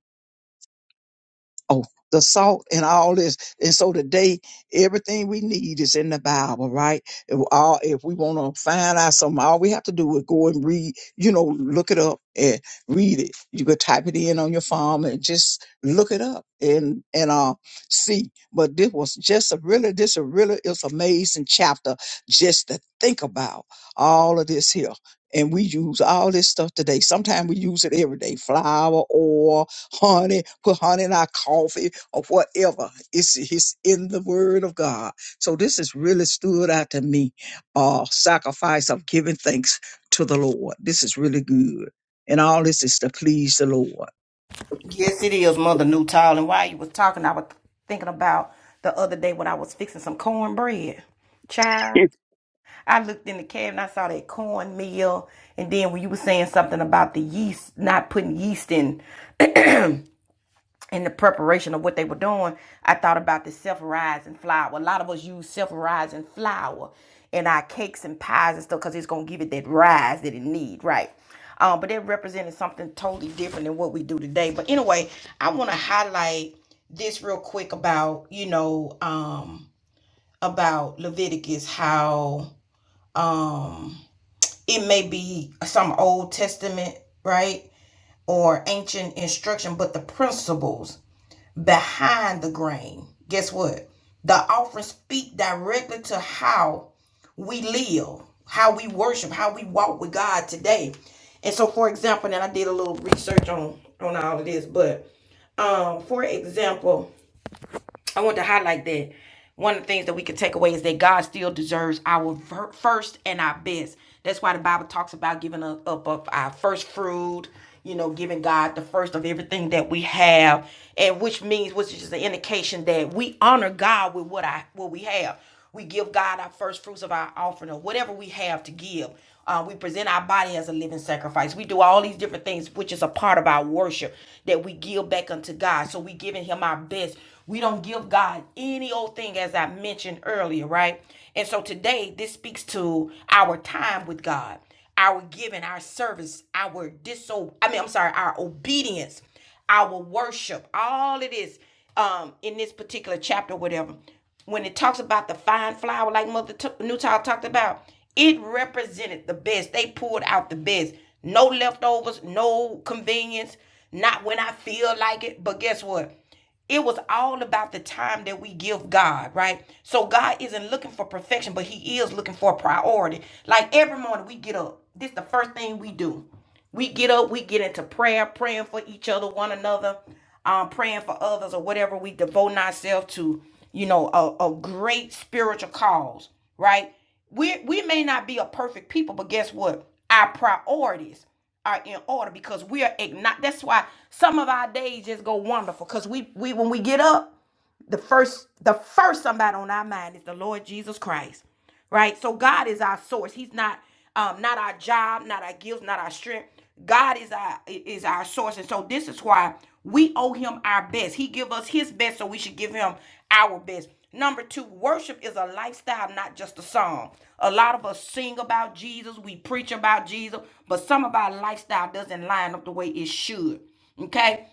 oh, the salt and all this. And so today, everything we need is in the Bible, right? If, all, if we want to find out something, all we have to do is go and read, you know, look it up and read it. You could type it in on your phone and just look it up and, and, uh, see. But this was just a really, this a really, it's amazing chapter just to think about all of this here. And we use all this stuff today. Sometimes we use it every day. Flour, oil, honey, put honey in our coffee or whatever. It's, it's in the word of God. So this has really stood out to me. Uh, sacrifice of giving thanks to the Lord. This is really good. And all this is to please the Lord. Yes, it is, Mother Newtall. And while you was talking, I was thinking about the other day when I was fixing some cornbread. Child, I looked in the cabinet, I saw that cornmeal, and then when you were saying something about the yeast, not putting yeast in. in the preparation of what they were doing, I thought about the self-rising flour. A lot of us use self-rising flour in our cakes and pies and stuff because it's gonna give it that rise that it needs, right? Um, but it represented something totally different than what we do today. But anyway, I want to highlight this real quick about you know um, about Leviticus how um, it may be some Old Testament, right, or ancient instruction, but the principles behind the grain. Guess what? The offering speak directly to how we live, how we worship, how we walk with God today. And so, for example, and I did a little research on on all of this, but um, for example, I want to highlight that one of the things that we can take away is that God still deserves our first and our best. That's why the Bible talks about giving up, up, up our first fruit, you know, giving God the first of everything that we have, and which means, which is an indication that we honor God with what I what we have. We give God our first fruits of our offering or whatever we have to give. Uh, we present our body as a living sacrifice. We do all these different things, which is a part of our worship that we give back unto God. So we giving Him our best we don't give God any old thing, as I mentioned earlier, right? And so today, this speaks to our time with God, our giving, our service, our diso I mean, I'm sorry, our obedience, our worship, all it is um, in this particular chapter, whatever. When it talks about the fine flour, like Mother T- Newtile talked about, it represented the best. They pulled out the best. No leftovers, no convenience, not when I feel like it. But guess what? it was all about the time that we give God, right? So God isn't looking for perfection, but He is looking for a priority. Like every morning we get up. This is the first thing we do. We get up, we get into prayer, praying for each other, one another, um, praying for others or whatever. We devote ourselves to, you know, a, a great spiritual cause, right? We we may not be a perfect people, but guess what? Our priorities are in order because we are igni- That's why some of our days just go wonderful because we we when we get up the first the first somebody on our mind is the lord jesus christ right so god is our source he's not um not our job not our gifts not our strength god is our is our source and so this is why we owe him our best he give us his best so we should give him our best number two worship is a lifestyle not just a song a lot of us sing about jesus we preach about jesus but some of our lifestyle doesn't line up the way it should Okay,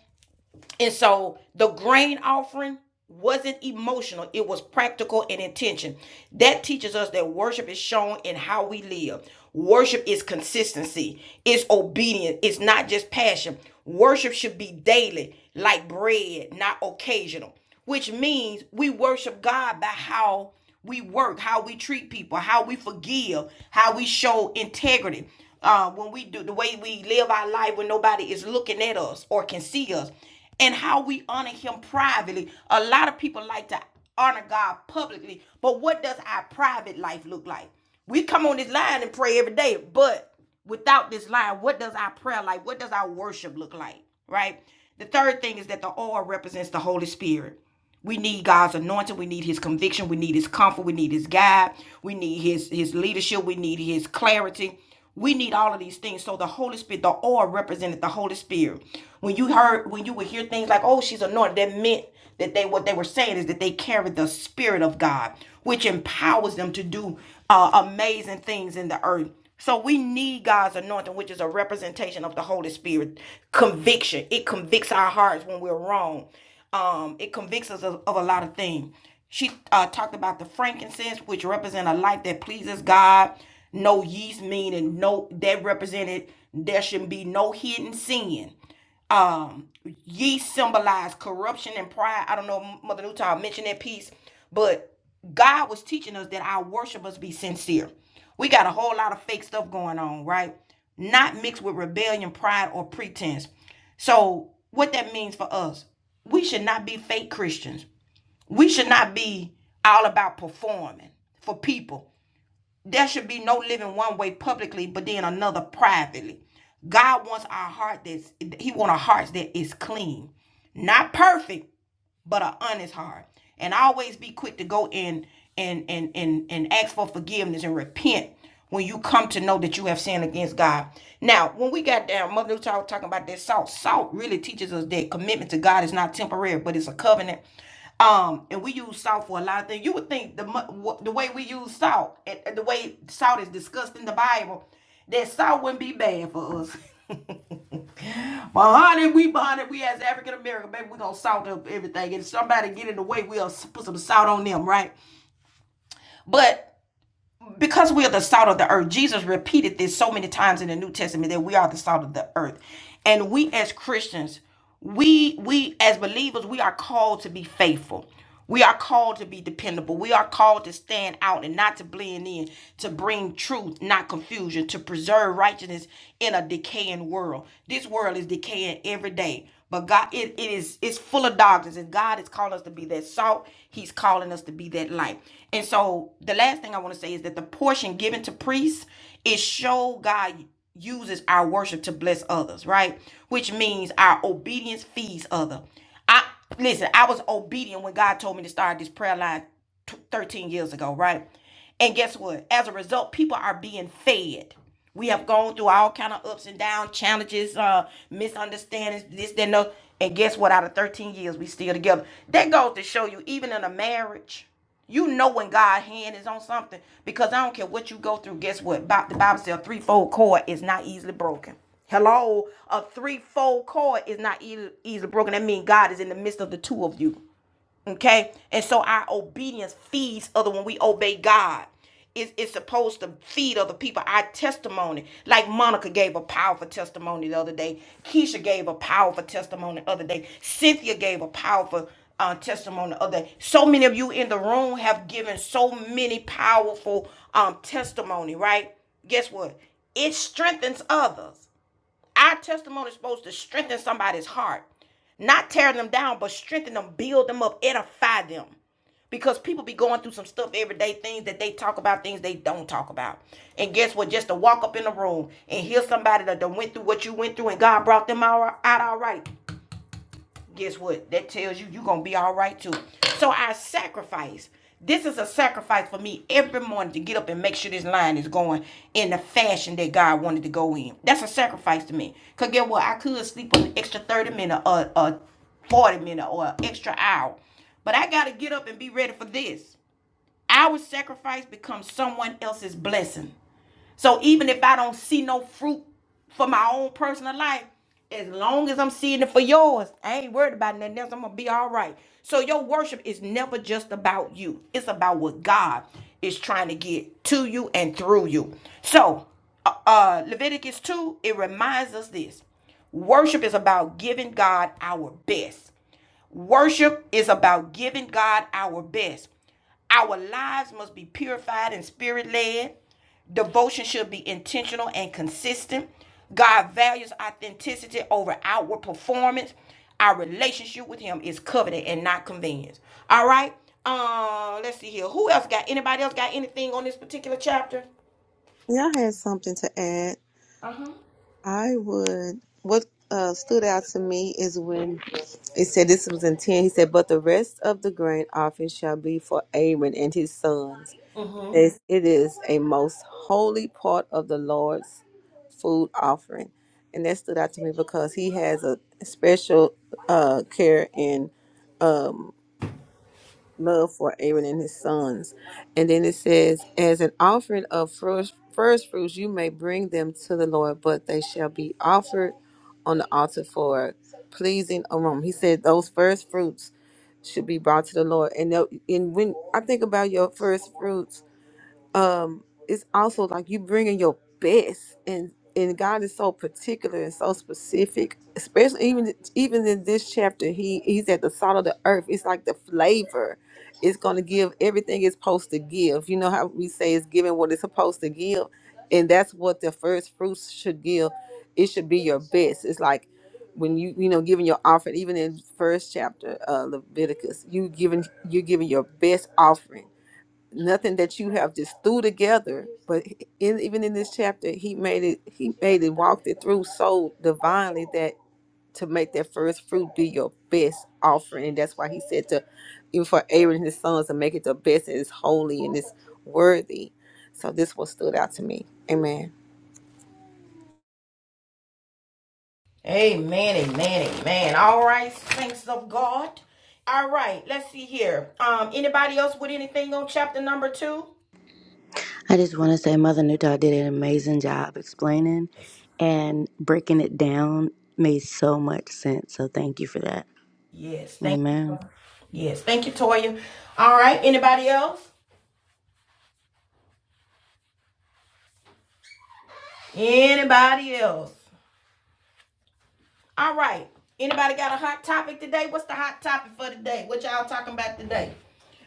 and so the grain offering wasn't emotional, it was practical and intention. That teaches us that worship is shown in how we live. Worship is consistency, it's obedience, it's not just passion. Worship should be daily, like bread, not occasional which means we worship God by how we work, how we treat people, how we forgive, how we show integrity. Uh, when we do the way we live our life when nobody is looking at us or can see us, and how we honor Him privately. A lot of people like to honor God publicly, but what does our private life look like? We come on this line and pray every day, but without this line, what does our prayer like? What does our worship look like? Right? The third thing is that the oil represents the Holy Spirit. We need God's anointing. We need His conviction. We need His comfort. We need His guide. We need His His leadership. We need His clarity. We need all of these things. So the Holy Spirit, the oil represented the Holy Spirit. When you heard, when you would hear things like, "Oh, she's anointed," that meant that they what they were saying is that they carried the Spirit of God, which empowers them to do uh, amazing things in the earth. So we need God's anointing, which is a representation of the Holy Spirit. Conviction. It convicts our hearts when we're wrong. Um, it convicts us of, of a lot of things. She uh, talked about the frankincense, which represent a life that pleases God. No yeast meaning no that represented there shouldn't be no hidden sin. Um, yeast symbolized corruption and pride. I don't know, if Mother Newton mentioned that piece, but God was teaching us that our worship must be sincere. We got a whole lot of fake stuff going on, right? Not mixed with rebellion, pride, or pretense. So, what that means for us, we should not be fake Christians. We should not be all about performing for people. There should be no living one way publicly, but then another privately. God wants our heart that's He wants a heart that is clean, not perfect, but an honest heart. And always be quick to go in and and and and ask for forgiveness and repent when you come to know that you have sinned against God. Now, when we got down, Mother Luther was talking about that salt. Salt really teaches us that commitment to God is not temporary, but it's a covenant. Um, and we use salt for a lot of things. You would think the the way we use salt, and the way salt is discussed in the Bible, that salt wouldn't be bad for us. But honey, we bonded. We as African American, baby, we gonna salt up everything. if somebody get in the way, we'll put some salt on them, right? But because we are the salt of the earth, Jesus repeated this so many times in the New Testament that we are the salt of the earth, and we as Christians, we we as believers, we are called to be faithful. We are called to be dependable. We are called to stand out and not to blend in, to bring truth, not confusion, to preserve righteousness in a decaying world. This world is decaying every day. But God, it, it is it's full of darkness, and God has called us to be that salt. He's calling us to be that light. And so, the last thing I want to say is that the portion given to priests is show God uses our worship to bless others, right? Which means our obedience feeds others. I listen. I was obedient when God told me to start this prayer line 13 years ago, right? And guess what? As a result, people are being fed. We have gone through all kind of ups and downs, challenges, uh, misunderstandings, this, that, and that. And guess what? Out of 13 years, we still together. That goes to show you, even in a marriage. You know when God's hand is on something because I don't care what you go through. Guess what? Bi- The Bible says a threefold cord is not easily broken. Hello, a threefold cord is not easily broken. That means God is in the midst of the two of you. Okay? And so our obedience feeds other when we obey God. It's, it's supposed to feed other people. Our testimony, like Monica gave a powerful testimony the other day. Keisha gave a powerful testimony the other day. Cynthia gave a powerful uh, testimony the other day. So many of you in the room have given so many powerful um, testimony, right? Guess what? It strengthens others. Our testimony is supposed to strengthen somebody's heart, not tear them down, but strengthen them, build them up, edify them. Because people be going through some stuff every day, things that they talk about, things they don't talk about. And guess what? Just to walk up in the room and hear somebody that done went through what you went through and God brought them out, out all right guess what? That tells you you're gonna be all right too. So I sacrifice. This is a sacrifice for me every morning to get up and make sure this line is going in the fashion that God wanted to go in. That's a sacrifice to me. Cause get what? I could sleep on an extra thirty minute or a forty minute or an extra hour, but I gotta get up and be ready for this. Our sacrifice becomes someone else's blessing. So even if I don't see no fruit for my own personal life, as long as I'm seeing it for yours, I ain't worried about nothing else. I'm gonna be all right. So your worship is never just about you. It's about what God is trying to get to you and through you. So uh, uh, Leviticus 2, it reminds us this. Worship is about giving God our best. Worship is about giving God our best. Our lives must be purified and spirit led. Devotion should be intentional and consistent. God values authenticity over outward performance. Our relationship with Him is covenant and not convenience. All right. Uh, let's see here. Who else got? Anybody else got anything on this particular chapter? Yeah, I had something to add. Uh I would, what uh, stood out to me is when it said this was in 10, he said, But the rest of the grain offering shall be for Aaron and his sons. huh. It it is a most holy part of the Lord's food offering. And that stood out to me because he has a special uh, care in um, love for Aaron and his sons. And then it says, As an offering of first, first fruits, you may bring them to the Lord, but they shall be offered on the altar for pleasing aroma. He said, Those first fruits should be brought to the Lord. And, tho- and when I think about your first fruits, um it's also like you bringing your best and and god is so particular and so specific especially even even in this chapter he he's at the salt of the earth it's like the flavor it's going to give everything it's supposed to give you know how we say it's giving what it's supposed to give and that's what the first fruits should give it should be your best it's like when you you know giving your offering even in first chapter uh leviticus you giving you're giving your best offering nothing that you have just threw together but in, even in this chapter he made it he made it walked it through so divinely that to make that first fruit be your best offering and that's why he said to even for aaron and his sons to make it the best and it's holy and it's worthy so this one stood out to me amen Amen, amen, amen. All right, thanks of God. All right, let's see here. Um, anybody else with anything on chapter number two? I just want to say Mother Newtall did an amazing job explaining and breaking it down made so much sense. So thank you for that. Yes, thank you. Amen. Mother. Yes, thank you, Toya. All right, anybody else? Anybody else? All right. Anybody got a hot topic today? What's the hot topic for today? What y'all talking about today?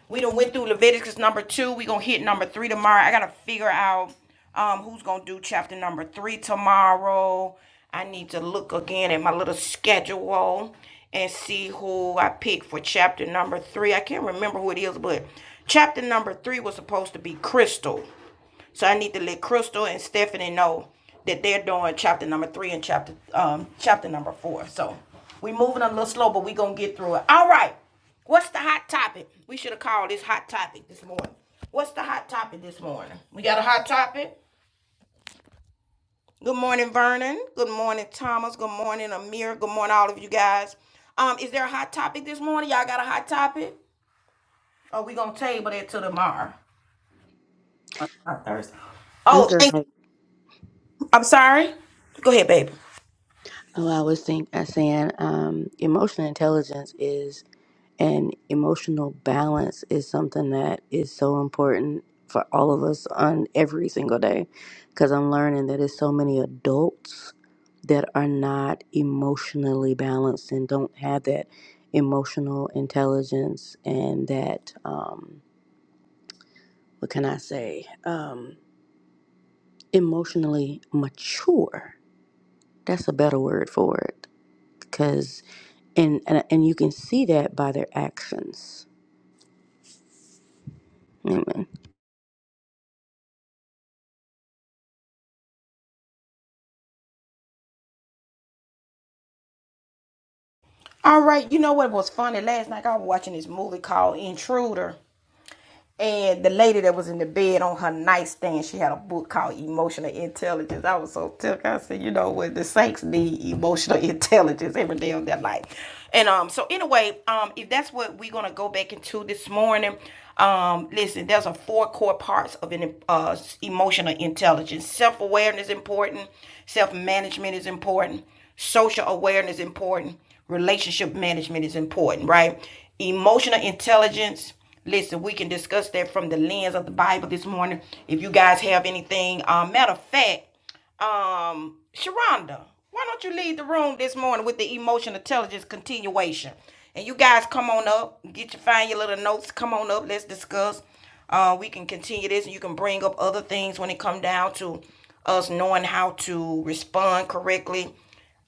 We done went through Leviticus number two. We gonna hit number three tomorrow. I gotta figure out um who's gonna do chapter number three tomorrow. I need to look again at my little schedule and see who I pick for chapter number three. I can't remember who it is, but chapter number three was supposed to be Crystal. So I need to let Crystal and Stephanie know that they're doing chapter number three and chapter um chapter number four. So we moving a little slow, but we gonna get through it. All right. What's the hot topic? We should have called this hot topic this morning. What's the hot topic this morning? We got a hot topic. Good morning, Vernon. Good morning, Thomas. Good morning, Amir. Good morning, all of you guys. Um, is there a hot topic this morning? Y'all got a hot topic? Or we gonna table that till tomorrow? I Oh, feel thank like I'm sorry. Go ahead, baby. oh, I was think I saying um, emotional intelligence is and emotional balance is something that is so important for all of us on every single day because i'm learning that it's so many adults that are not emotionally balanced and don't have that emotional intelligence and that um what can i say um emotionally mature that's a better word for it because and, and and you can see that by their actions All right. You know what was funny? Last night I was watching this movie called Intruder. And the lady that was in the bed on her nightstand, she had a book called Emotional Intelligence. I was so ticked. I said, you know what, the saints need emotional intelligence every day of their life. And um, so anyway, um, if that's what we're gonna go back into this morning, um, listen, there's a four core parts of an uh, emotional intelligence. Self awareness is important. Self management is important. Social awareness is important Relationship management is important, right? Emotional intelligence. Listen, we can discuss that from the lens of the Bible this morning. If you guys have anything, uh, matter of fact, um, Sharonda, why don't you leave the room this morning with the emotional intelligence continuation? And you guys come on up, get your find your little notes, come on up, let's discuss. Uh, we can continue this, and you can bring up other things when it come down to us knowing how to respond correctly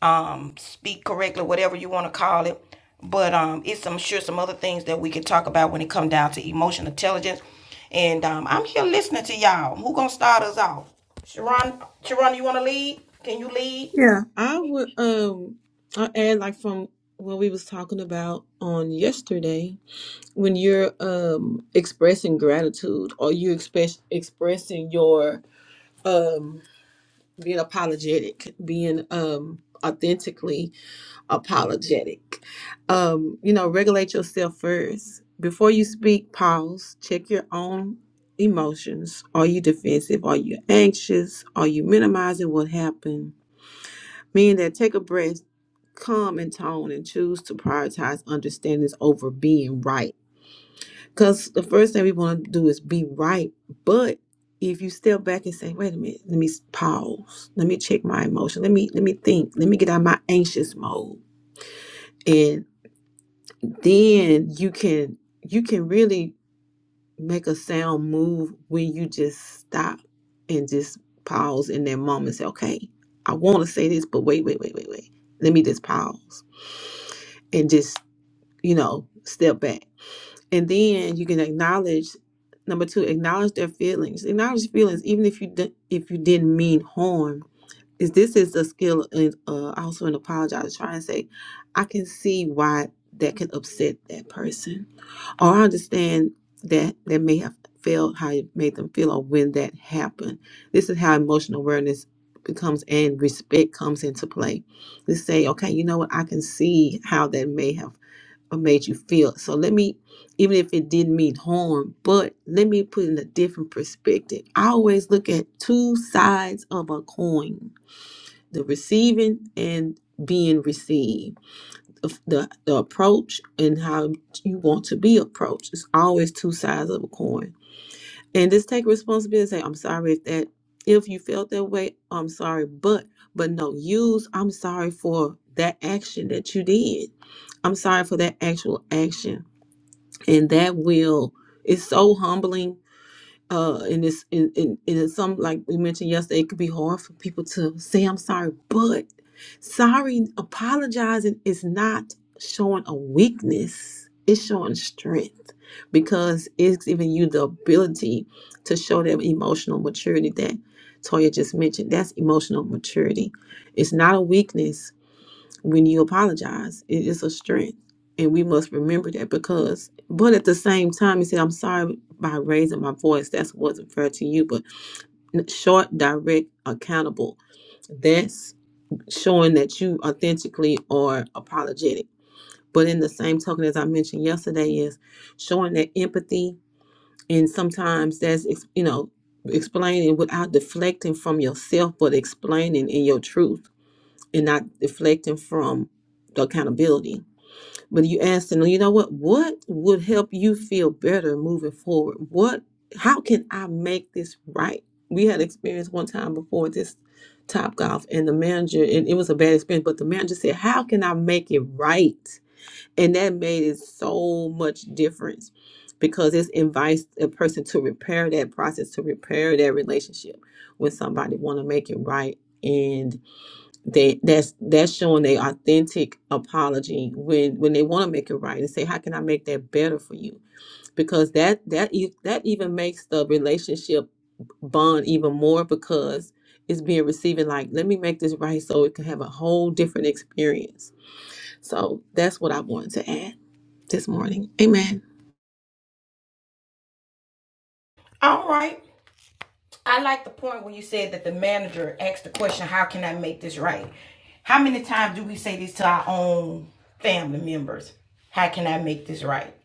um, speak correctly, whatever you want to call it. But um, it's I'm sure some other things that we can talk about when it comes down to emotional intelligence. And um, I'm here listening to y'all. Who gonna start us off? Sharon, Sharon, you want to lead? Can you lead? Yeah, I would um I add like from what we was talking about on yesterday. when you're um expressing gratitude or you express expressing your um being apologetic being um authentically apologetic um you know regulate yourself first before you speak pause check your own emotions are you defensive are you anxious are you minimizing what happened meaning that take a breath calm in tone and choose to prioritize understandings over being right because the first thing we want to do is be right. But if you step back and say, wait a minute, let me s- pause. Let me check my emotion. Let me let me think. Let me get out of my anxious mode. And then you can you can really make a sound move when you just stop and just pause in that moment and say, okay, I want to say this, but wait, wait, wait, wait, wait. Let me just pause and just, you know, step back and then you can acknowledge number two acknowledge their feelings acknowledge feelings even if you di- if you didn't mean harm is this is a skill and uh, also an apologize try and say i can see why that can upset that person or i understand that that may have felt how it made them feel or when that happened this is how emotional awareness becomes and respect comes into play to say okay you know what i can see how that may have or made you feel. So let me, even if it didn't mean harm, but let me put in a different perspective. I always look at two sides of a coin the receiving and being received, the, the, the approach and how you want to be approached. It's always two sides of a coin. And just take responsibility and say, I'm sorry if that, if you felt that way, I'm sorry, but, but no, use I'm sorry for that action that you did. I'm sorry for that actual action and that will it's so humbling uh and it's and, and, and it's some like we mentioned yesterday it could be hard for people to say i'm sorry but sorry apologizing is not showing a weakness it's showing strength because it's giving you the ability to show that emotional maturity that toya just mentioned that's emotional maturity it's not a weakness when you apologize. It is a strength. And we must remember that because, but at the same time, he said, I'm sorry by raising my voice. That's wasn't fair to you, but short, direct, accountable. That's showing that you authentically are apologetic. But in the same token, as I mentioned yesterday, is showing that empathy. And sometimes that's, you know, explaining without deflecting from yourself, but explaining in your truth and not deflecting from the accountability but you ask them, you know what? What would help you feel better moving forward? What? How can I make this right? We had experience one time before this Top Golf, and the manager, and it was a bad experience. But the manager said, "How can I make it right?" And that made it so much difference because it invites a person to repair that process, to repair that relationship when somebody want to make it right and they that's that's showing their authentic apology when when they want to make it right and say how can i make that better for you because that that e- that even makes the relationship bond even more because it's being receiving like let me make this right so it can have a whole different experience so that's what i wanted to add this morning amen All right. I like the point where you said that the manager asked the question, "How can I make this right?" How many times do we say this to our own family members? How can I make this right?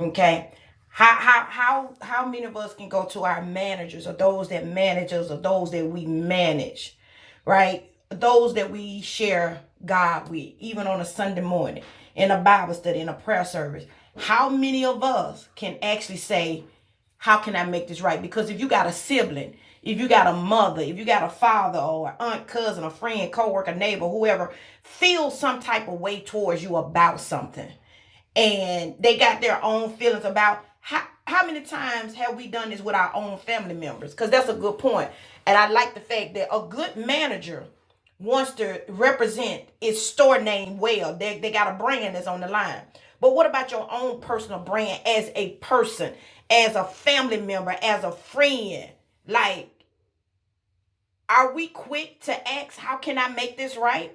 Okay. How how how how many of us can go to our managers or those that manage us or those that we manage, right? Those that we share God with, even on a Sunday morning, in a Bible study, in a prayer service. How many of us can actually say, How can I make this right? Because if you got a sibling, if you got a mother, if you got a father or an aunt, cousin, a friend, coworker, neighbor, whoever, feel some type of way towards you about something and they got their own feelings about how how many times have we done this with our own family members? Because that's a good point, point. and I like the fact that a good manager wants to represent its store name well. They they got a brand that's on the line. But what about your own personal brand as a person, as a family member, as a friend? Like, are we quick to ask, how can I make this right?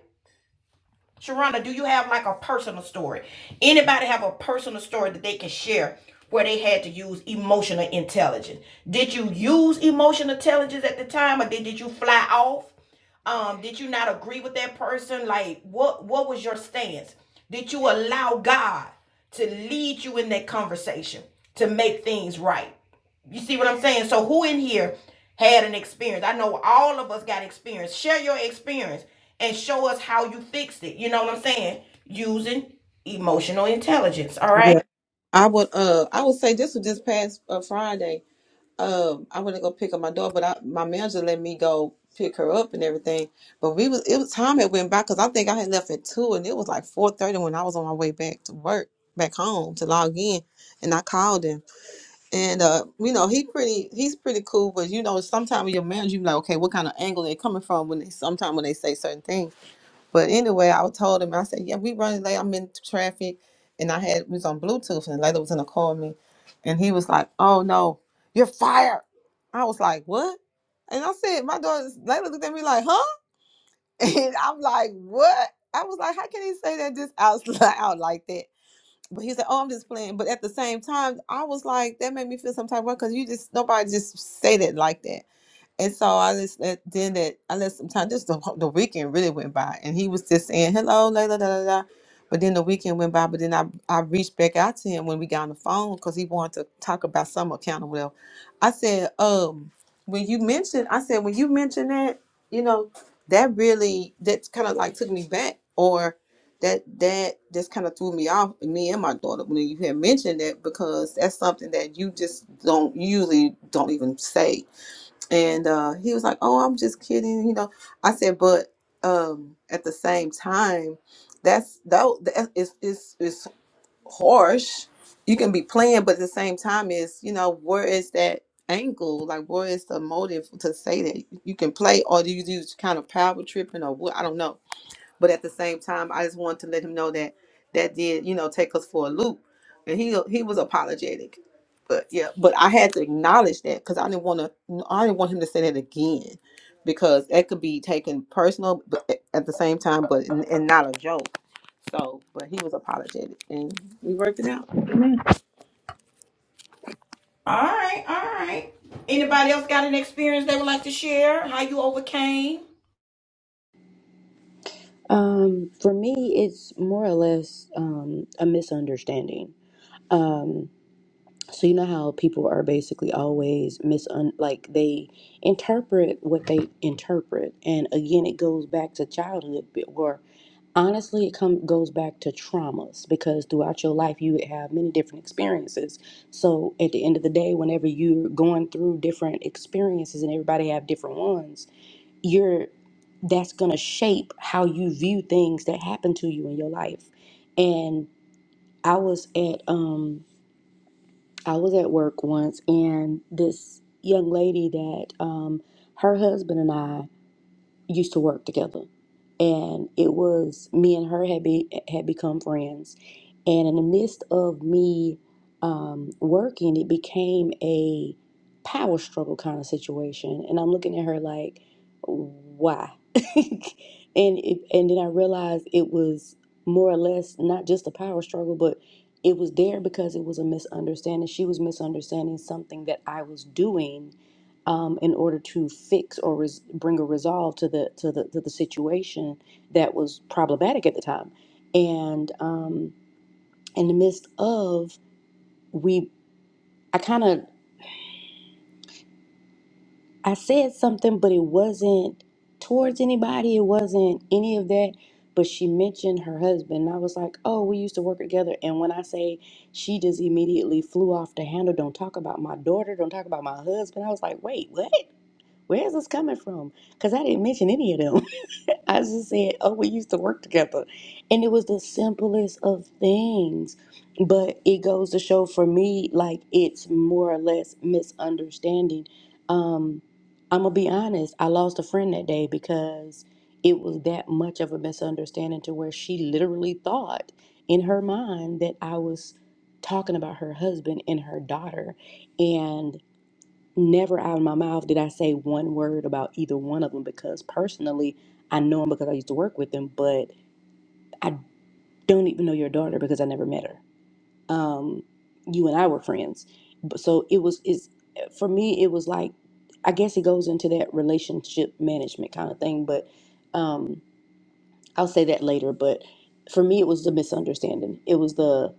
Sharonda, do you have like a personal story? Anybody have a personal story that they can share where they had to use emotional intelligence? Did you use emotional intelligence at the time or did, did you fly off? Um, did you not agree with that person? Like what what was your stance? Did you allow God to lead you in that conversation to make things right? You see what I'm saying? So who in here had an experience? I know all of us got experience. Share your experience and show us how you fixed it. You know what I'm saying? Using emotional intelligence. All Yeah. right. I would uh I would say this was this past uh, Friday. um I went to go pick up my daughter, but I, my manager let me go pick her up and everything. But we was it was time it went by because I think I had left at two and it was like four thirty when I was on my way back to work back home to log in and I called him and uh you know he pretty he's pretty cool but you know sometimes your manager you be like okay what kind of angle they coming from when they sometimes when they say certain things but anyway, I told him, I said, yeah, we running late. I'm in traffic. And I had, we was on Bluetooth and the lady was in the car with me. And he was like, oh no, you're fired. I was like, what? And I said, my daughter, Layla looked at me like, huh? And I'm like, what? I was like, how can he say that just out loud like that? But he said, oh, I'm just playing. But at the same time, I was like, that made me feel some type of way because you just, nobody just say that like that. And so I just let, then that. I let some time. Just the, whole- the weekend really went by, and he was just saying hello, la la la la. la." But then the weekend went by. But then I I reached back out to him when we got on the phone because he wanted to talk about some account of wealth. I said, um, when you mentioned, I said when you mentioned that, you know, that really that kind of like took me back, or that that just kind of threw me off. Me and my daughter when you had mentioned that because that's something that you just don't you usually don't even say and uh, he was like, "Oh, I'm just kidding," you know. I said, "But um, at the same time, that's that that is is is harsh. You can be playing, but at the same time, is you know where is that angle? Like where is the motive to say that you can play, or do you do kind of power tripping, or what? I don't know." But at the same time, I just wanted to let him know that that did, you know, take us for a loop. And he he was apologetic. But yeah, but I had to acknowledge that because I didn't want to. I didn't want him to say that again, because that could be taken personal, but at at the same time, but and, and not a joke. So, but he was apologetic, and we worked it out. All right. All right. Anybody else got an experience they would like to share? How you overcame? Um, for me, it's more or less um, a misunderstanding. Um, so you know how people are basically always misun like they interpret what they interpret, and again, it goes back to childhood, but- or honestly, it come goes back to traumas because throughout your life you would have many different experiences. So at the end of the day, whenever you're going through different experiences, and everybody have different ones you're that's going to shape how you view things that happen to you in your life and i was at um i was at work once and this young lady that um her husband and i used to work together, and it was me and her had be had become friends, and in the midst of me um, working, it became a power struggle kind of situation, and I'm looking at her like, why? and it, and then I realized it was more or less not just a power struggle, but it was there because it was a misunderstanding. She was misunderstanding something that I was doing um, in order to fix or res- bring a resolve to the to the to the situation that was problematic at the time. And um, in the midst of we, I kind of I said something, but it wasn't towards anybody. It wasn't any of that. But she mentioned her husband. And I was like, oh, we used to work together. And when I say she just immediately flew off the handle, don't talk about my daughter, don't talk about my husband. I was like, wait, what? Where is this coming from? Because I didn't mention any of them. I just said, oh, we used to work together. And it was the simplest of things. But it goes to show for me, like, it's more or less misunderstanding. Um, I'm going to be honest. I lost a friend that day because it was that much of a misunderstanding to where she literally thought in her mind that I was talking about her husband and her daughter. And Never out of my mouth did I say one word about either one of them because personally, I know them because I used to work with them, but I don't even know your daughter because I never met her. Um, you and I were friends, but so it was. It's for me, it was like I guess it goes into that relationship management kind of thing, but um, I'll say that later. But for me, it was the misunderstanding. It was the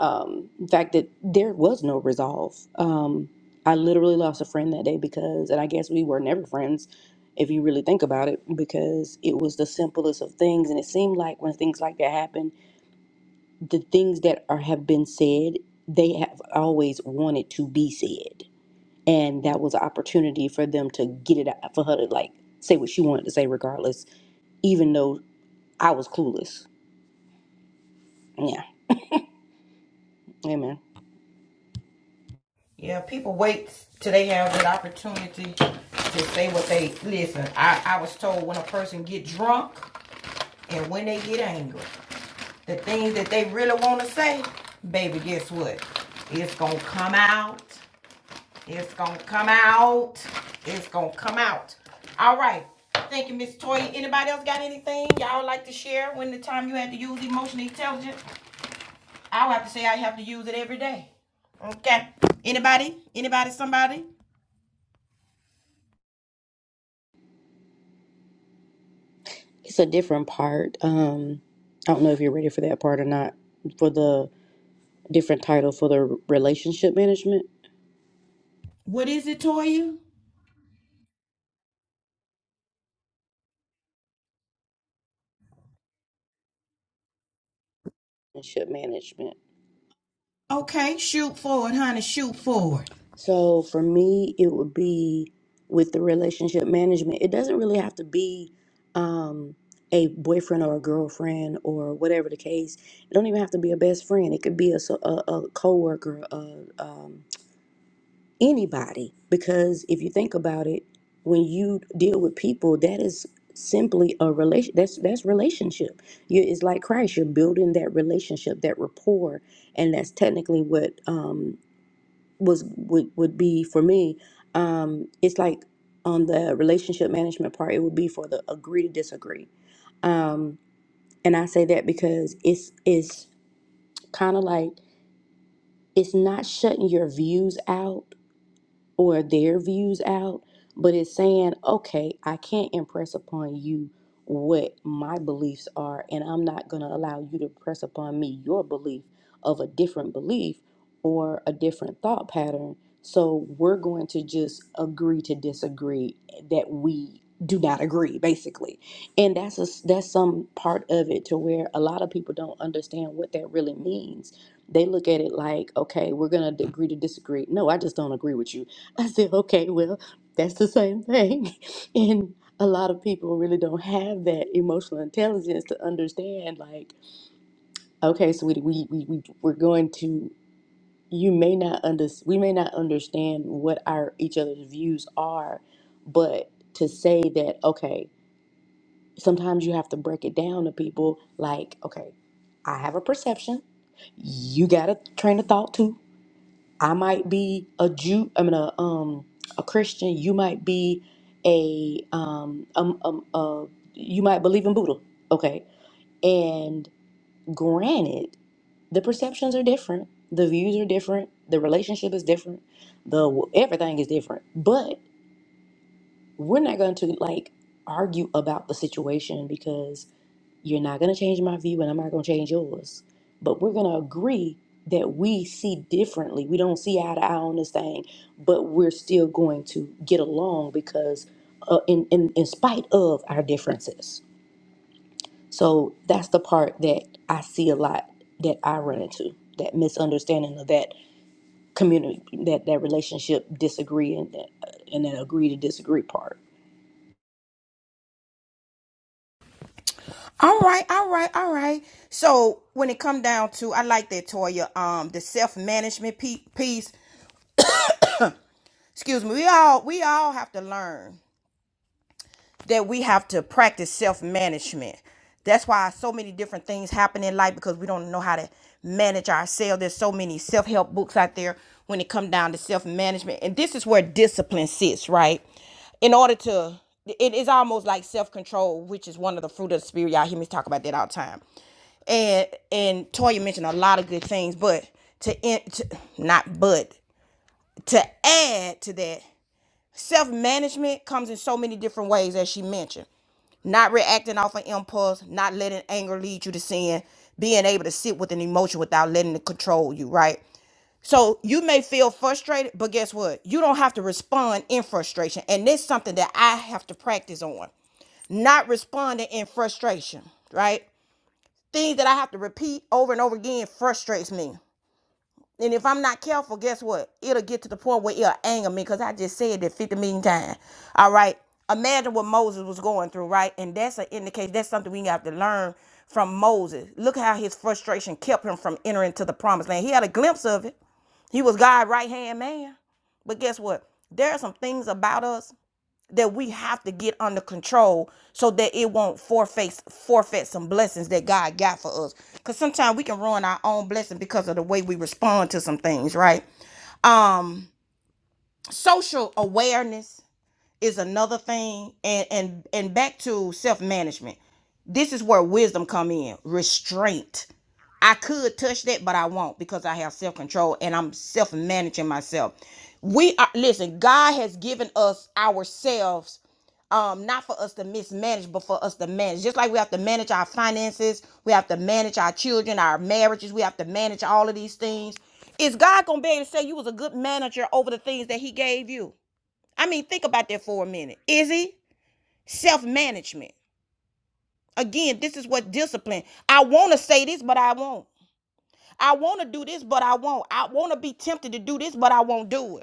um, the fact that there was no resolve. Um, I literally lost a friend that day because, and I guess we were never friends if you really think about it, because it was the simplest of things. And it seemed like when things like that happen, the things that are, have been said, they have always wanted to be said. And that was an opportunity for them to get it out, for her to like say what she wanted to say, regardless, even though I was clueless. Yeah. Amen. Yeah, people wait till they have that opportunity to say what they listen. I, I was told when a person get drunk and when they get angry. the things that they really want to say, baby, guess what? It's going to come out. It's going to come out. It's going to come out. All right. Thank you, Miss Toy. Anybody else got anything y'all like to share when the time you had to use emotional intelligence? I would have to say I have to use it every day. Okay. Anybody? Anybody? Somebody? It's a different part. Um, I don't know if you're ready for that part or not. For the different title for the relationship management What is it, Toya? relationship management. Okay, shoot forward, honey. Shoot forward. So for me, it would be with the relationship management. It doesn't really have to be um, a boyfriend or a girlfriend or whatever the case. It don't even have to be a best friend. It could be a so- a, a coworker, a, um anybody because if you think about it when you deal with people that is simply a relation that's that's relationship you it's like christ you're building that relationship that rapport and that's technically what um was would, would be for me um it's like on the relationship management part it would be for the agree to disagree um and i say that because it's it's kind of like it's not shutting your views out or their views out, but it's saying, okay, I can't impress upon you what my beliefs are, and I'm not going to allow you to press upon me your belief of a different belief or a different thought pattern. So we're going to just agree to disagree that we do not agree basically and that's a, that's some part of it to where a lot of people don't understand what that really means they look at it like okay we're going to agree to disagree no i just don't agree with you I said, okay, well, that's the same thing. And a lot of people really don't have that emotional intelligence to understand, like, okay, so we, we, we, we we're going to, you may not under, we may not understand what our each other's views are, but to say that, okay, sometimes you have to break it down to people like, okay, I have a perception. You got a train of thought too I might be a Jew. I mean, a um a Christian. You might be a um um um uh, you might believe in Buddha. Okay, and granted, the perceptions are different, the views are different, the relationship is different, the everything is different, but we're not going to like argue about the situation because you're not going to change my view and I'm not going to change yours. But we're going to agree that we see differently. We don't see eye to eye on this thing, but we're still going to get along because, uh, in, in, in spite of our differences. So that's the part that I see a lot that I run into that misunderstanding of that community, that, that relationship disagree and that, and that agree to disagree part. All right, all right, all right. So when it come down to, I like that Toya. Um, the self management piece. Excuse me. We all we all have to learn. that we have to practice self-management. That's why so many different things happen in life because we don't know how to manage ourselves. There's so many self-help books out there when it comes down to self-management. And this is where discipline sits, right? In order to it is almost like self-control, which is one of the fruit of the spirit. Y'all hear me talk about that all the time and and Toya mentioned a lot of good things, but to, in, to not but to add to that Self management comes in so many different ways, as she mentioned. Not reacting off an impulse, not letting anger lead you to sin, being able to sit with an emotion without letting it control you, right? So you may feel frustrated, but guess what? You don't have to respond in frustration. And this is something that I have to practice on. Not responding in frustration, right? Things that I have to repeat over and over again frustrates me. And if I'm not careful, guess what? It'll get to the point where it'll anger me because I just said that 50 million times. All right. Imagine what Moses was going through, right? And that's an indication. That's something we have to learn from Moses. Look how his frustration kept him from entering to the promised land. He had a glimpse of it. He was God's right hand man. But guess what? There are some things about us that we have to get under control so that it won't forfeit forfeit some blessings that God got for us. Cause sometimes we can ruin our own blessing because of the way we respond to some things, right? Um, social awareness is another thing, and and and back to self management. This is where wisdom come in. Restraint. I could touch that, but I won't because I have self control and I'm self managing myself. We are listen. God has given us ourselves um, not for us to mismanage, but for us to manage. Just like we have to manage our finances, we have to manage our children, our marriages, we have to manage all of these things. Is God gonna be able to say you was a good manager over the things that He gave you? I mean, think about that for a minute. Is He self management? Again, this is what discipline. I want to say this, but I won't. I want to do this, but I won't. I want to be tempted to do this, but I won't do it.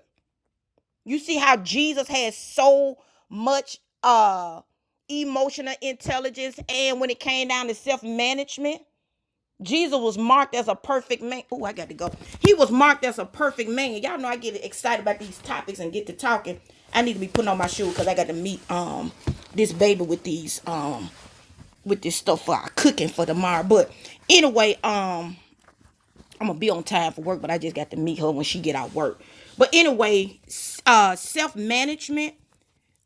You see how Jesus had so much uh emotional intelligence and when it came down to self-management, Jesus was marked as a perfect man. Oh, I got to go. He was marked as a perfect man. Y'all know I get excited about these topics and get to talking. I need to be putting on my shoes because I got to meet um this baby with these um with this stuff for our cooking for tomorrow. But anyway, um I'm gonna be on time for work, but I just got to meet her when she get out work. But anyway, s- uh self-management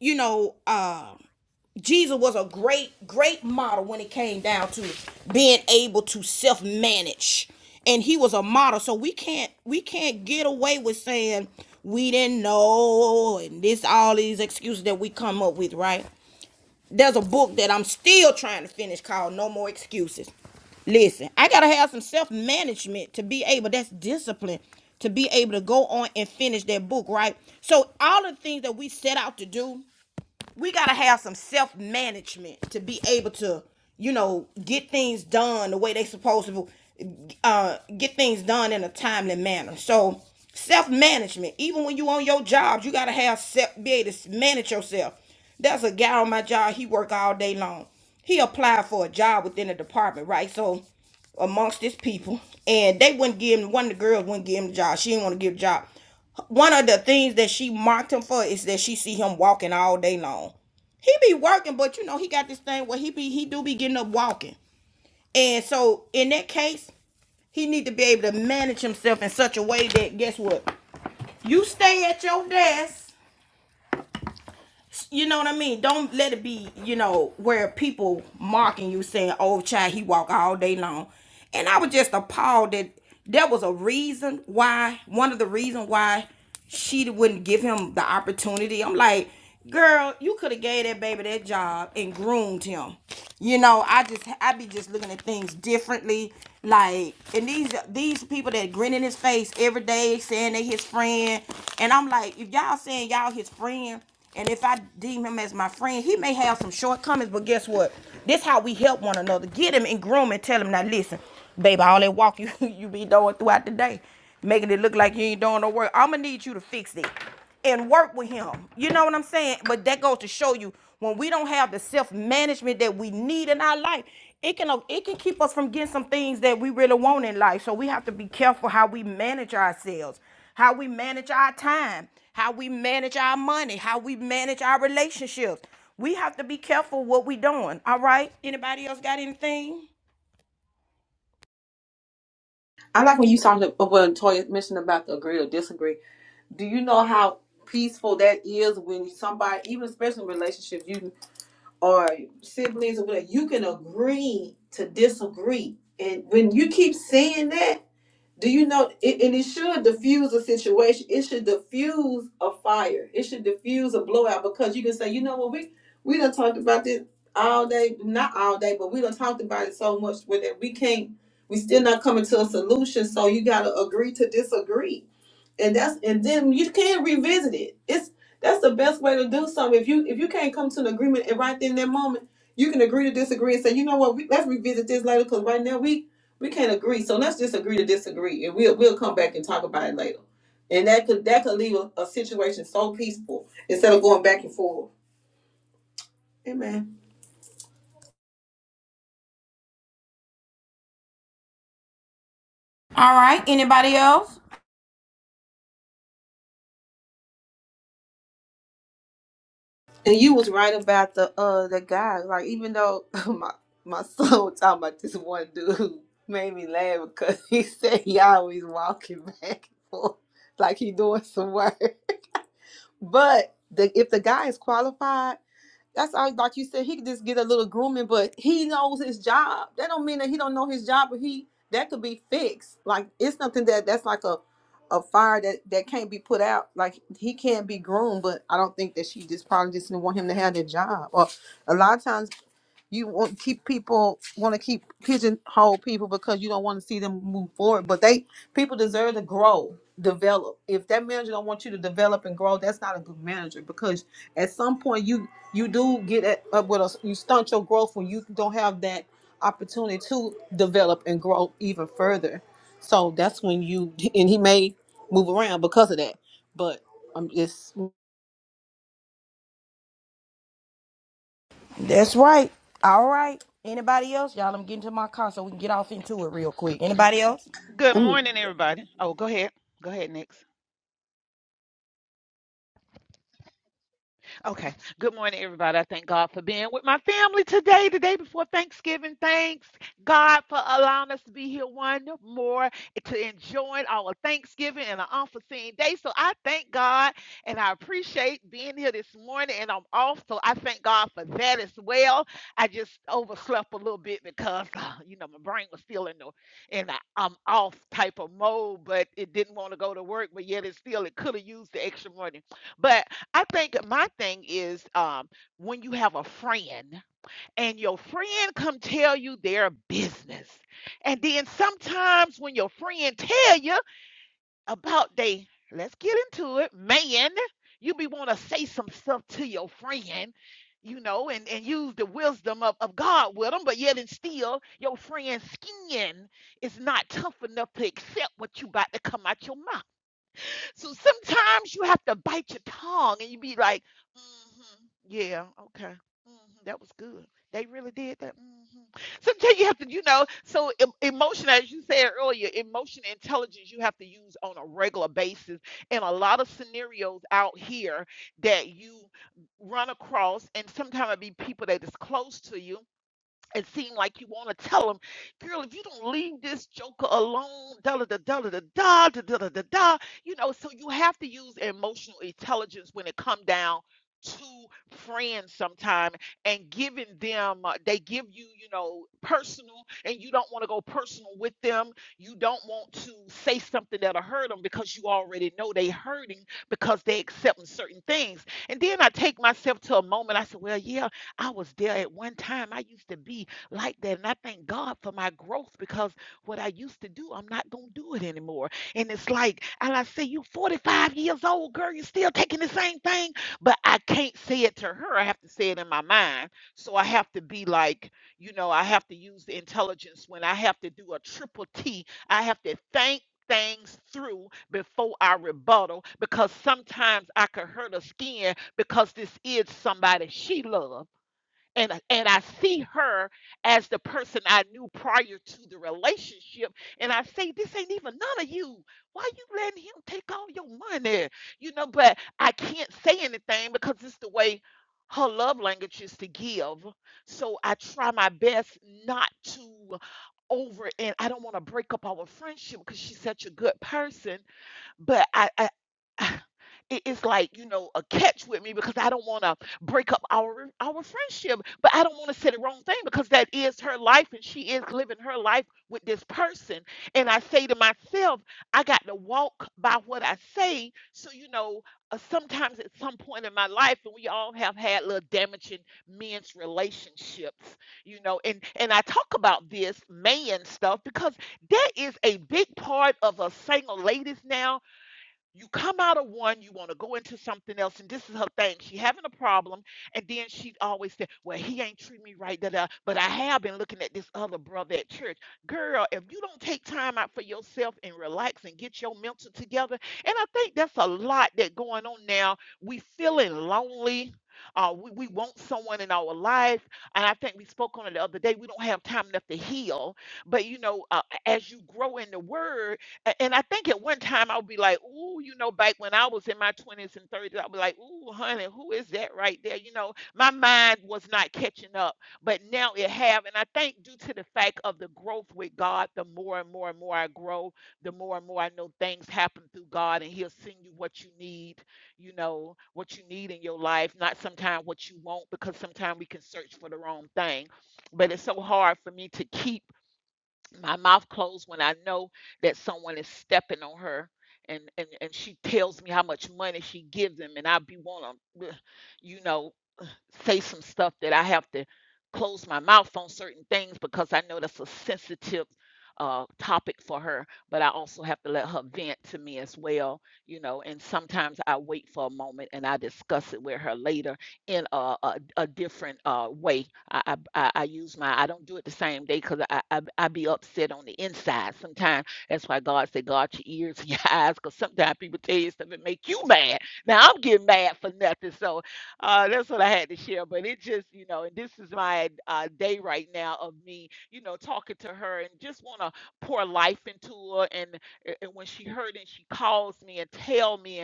you know, uh, Jesus was a great, great model when it came down to being able to self-manage, and he was a model. So we can't, we can't get away with saying we didn't know, and this all these excuses that we come up with, right? There's a book that I'm still trying to finish called No More Excuses. Listen, I gotta have some self management to be able. That's discipline to be able to go on and finish that book, right? So all the things that we set out to do we gotta have some self management to be able to, you know, get things done the way they supposed to, uh, get things done in a timely manner. So self management, even when you on your job, you gotta have self be able to manage yourself. There's a guy on my job. He work all day long. He applied for a job within the department, right? So amongst this people, and they wouldn't give him. One of the girls wouldn't give him the job. She didn't want to give the job. One of the things that she mocked him for is that she see him walking all day long. He be working, but you know he got this thing where he be he do be getting up walking, and so in that case, he need to be able to manage himself in such a way that guess what, you stay at your desk you know what I mean? Don't let it be, you know, where people mocking you saying, "Oh, child, he walk all day long," and I was just appalled that there was a reason why. One of the reason why she wouldn't give him the opportunity. I'm like, girl, you could have gave that baby that job and groomed him. You know, I just I be just looking at things differently. Like, and these these people that grin in his face every day saying they his friend, and I'm like, if y'all saying y'all his friend. And if I deem him as my friend, he may have some shortcomings, but guess what? This how we help one another. Get him and groom and tell him, now listen, baby, all that walk you you be doing throughout the day, making it look like you ain't doing no work. I'ma need you to fix it and work with him. You know what I'm saying? But that goes to show you when we don't have the self-management that we need in our life, it can it can keep us from getting some things that we really want in life. So we have to be careful how we manage ourselves how we manage our time, how we manage our money, how we manage our relationships. We have to be careful what we doing. All right. Anybody else got anything? I like when you talked about when Toya mentioned about the agree or disagree. Do you know how peaceful that is when somebody, even especially in relationships, you or siblings or whatever, you can agree to disagree. And when you keep saying that, do you know? It, and it should diffuse a situation. It should diffuse a fire. It should diffuse a blowout because you can say, you know what, we we done talked about this all day, not all day, but we done talked about it so much with that we can't. We still not coming to a solution. So you gotta agree to disagree and that's and then you can revisit it. It's that's the best way to do something. If you if you can't come to an agreement and right in that moment, you can agree to disagree and say, you know what, we, let's revisit this later because right now we we can't agree. So let's just agree to disagree, and we'll we'll come back and talk about it later. And that could that could leave a, a situation so peaceful instead of going back and forth. Amen. All right. Anybody else? And you was right about the uh the guy. Like even though my my son was talking about this one dude who made me laugh because he said he always walking back and forth like he doing some work. But the if the guy is qualified that's how, like you said, he could just get a little grooming, but he knows his job. That don't mean that he don't know his job, but he that could be fixed. Like it's something that that's like a a fire that that can't be put out. Like he can't be groomed, but I don't think that she just probably just didn't want him to have that job. Or a lot of times you want keep people want to keep pigeonhole people because you don't want to see them move forward but they people deserve to grow develop if that manager don't want you to develop and grow that's not a good manager because at some point you you do get at, up with us you stunt your growth when you don't have that opportunity to develop and grow even further so that's when you and he may move around because of that but i'm just That's right. All right. Anybody else? Y'all, I'm getting to my car so we can get off into it real quick. Anybody else? Good morning, everybody. Oh, go ahead. Go ahead, Nick. Okay. Good morning, everybody. I thank God for being with my family today, the day before Thanksgiving. Thanks, God, for allowing us to be here one more to enjoy our Thanksgiving and an unforeseen day. So I thank God and I appreciate being here this morning. And I'm off, so I thank God for that as well. I just overslept a little bit because, uh, you know, my brain was still in the in i I'm off type of mode, but it didn't want to go to work, but yet it still it could have used the extra morning. But I think my thing is um, when you have a friend and your friend come tell you their business, and then sometimes when your friend tell you about they, let's get into it, man, you be want to say some stuff to your friend, you know, and and use the wisdom of of God with them, but yet and still your friend's skin is not tough enough to accept what you about to come out your mouth. So sometimes you have to bite your tongue and you be like, hmm yeah, okay. hmm that was good. They really did that. hmm Sometimes you have to, you know, so emotion, as you said earlier, emotion intelligence you have to use on a regular basis. And a lot of scenarios out here that you run across, and sometimes it be people that is close to you it seem like you want to tell them, girl, if you don't leave this joker alone, da da da da da da da da da da da, da," you know. So you have to use emotional intelligence when it come down to friends sometime and giving them uh, they give you you know personal and you don't want to go personal with them you don't want to say something that'll hurt them because you already know they hurting because they accepting certain things and then i take myself to a moment i said well yeah I was there at one time. I used to be like that. And I thank God for my growth because what I used to do, I'm not going to do it anymore. And it's like, and I say, you 45 years old, girl, you are still taking the same thing. But I can't say it to her. I have to say it in my mind. So I have to be like, you know, I have to use the intelligence when I have to do a triple T. I have to think things through before I rebuttal because sometimes I could hurt her skin because this is somebody she loves and and I see her as the person I knew prior to the relationship, and I say, "This ain't even none of you. Why you letting him take all your money?" You know, but I can't say anything because it's the way her love language is to give. So I try my best not to over, and I don't want to break up our friendship because she's such a good person but I, I it is like you know a catch with me because I don't want to break up our our friendship, but I don't want to say the wrong thing because that is her life and she is living her life with this person. And I say to myself, I got to walk by what I say. So you know, uh, sometimes at some point in my life, and we all have had little damaging men's relationships, you know. And and I talk about this man stuff because that is a big part of us single ladies now you come out of one, you want to go into something else, and this is her thing. She having a problem, and then she always said, "Well, he ain't treat me right, da da." But I have been looking at this other brother at church. Girl, if you don't take time out for yourself and relax and get your mental together, and I think that's a lot that going on now. We feeling lonely. Uh, we, we want someone in our life, and I think we spoke on it the other day. We don't have time enough to heal, but you know, uh, as you grow in the word a- And I think at one time I would be like, ooh, you know, back when I was in my 20s and 30s, I'd be like, ooh, honey, who is that right there? You know, my mind was not catching up, but now it have. And I think due to the fact of the growth with God, the more and more and more I grow, the more and more I know things happen through God and he'll send you what you need, you know, what you need in your life, not sometimes what you want, because sometimes we can search for the wrong thing. But it's so hard for me to keep my mouth closed when I know that someone is stepping on her and and and she tells me how much money she gives them and I be want to you know say some stuff that I have to close my mouth on certain things because I know that's a sensitive uh, topic for her, but I also have to let her vent to me as well, you know. And sometimes I wait for a moment and I discuss it with her later in a, a, a different uh, way. I, I, I use my, I don't do it the same day because I, I, I be upset on the inside. Sometimes that's why God said, guard your ears and your eyes because sometimes people tell you stuff that make you mad. Now I'm getting mad for nothing. So uh, that's what I had to share. But it just, you know, and this is my uh, day right now of me, you know, talking to her and just want to pour life into her. And, and when she heard and she calls me and tell me,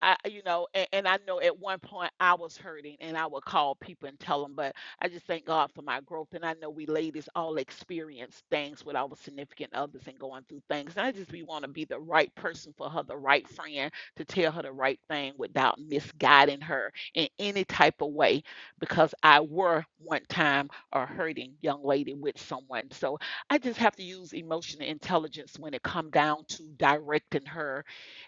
I, you know, and, and I know at one point I was hurting and I would call people and tell them, but I just thank God for my growth. And I know we ladies all experience things with our significant others and going through things. And I just we want to be the right person for her, the right friend to tell her the right thing without misguiding her in any type of way, because I were one time a hurting young lady with someone. So I just have to use emotional intelligence when it come down to directing her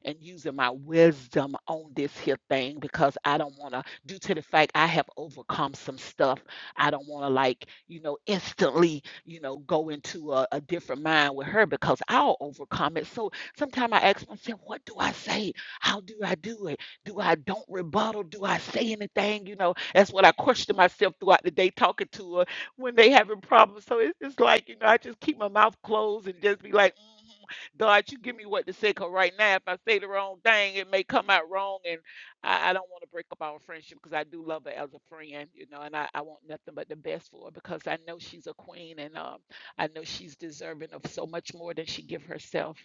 and using my wisdom on this here thing because I don't want to, due to the fact I have overcome some stuff, I don't want to, like, you know, instantly, you know, go into a, a different mind with her because I'll overcome it. So sometimes I ask myself, what do I say? How do I do it? Do I don't rebuttal? Do I say anything? You know, that's what I question myself throughout the day talking to her when they having problems. So it's just like, you know, I just keep my mouth closed and just be like, mhm. God, you give me what to say, because right now, if I say the wrong thing, it may come out wrong. And I, I don't want to break up our friendship because I do love her as a friend, you know, and I, I want nothing but the best for her because I know she's a queen and um, I know she's deserving of so much more than she give herself.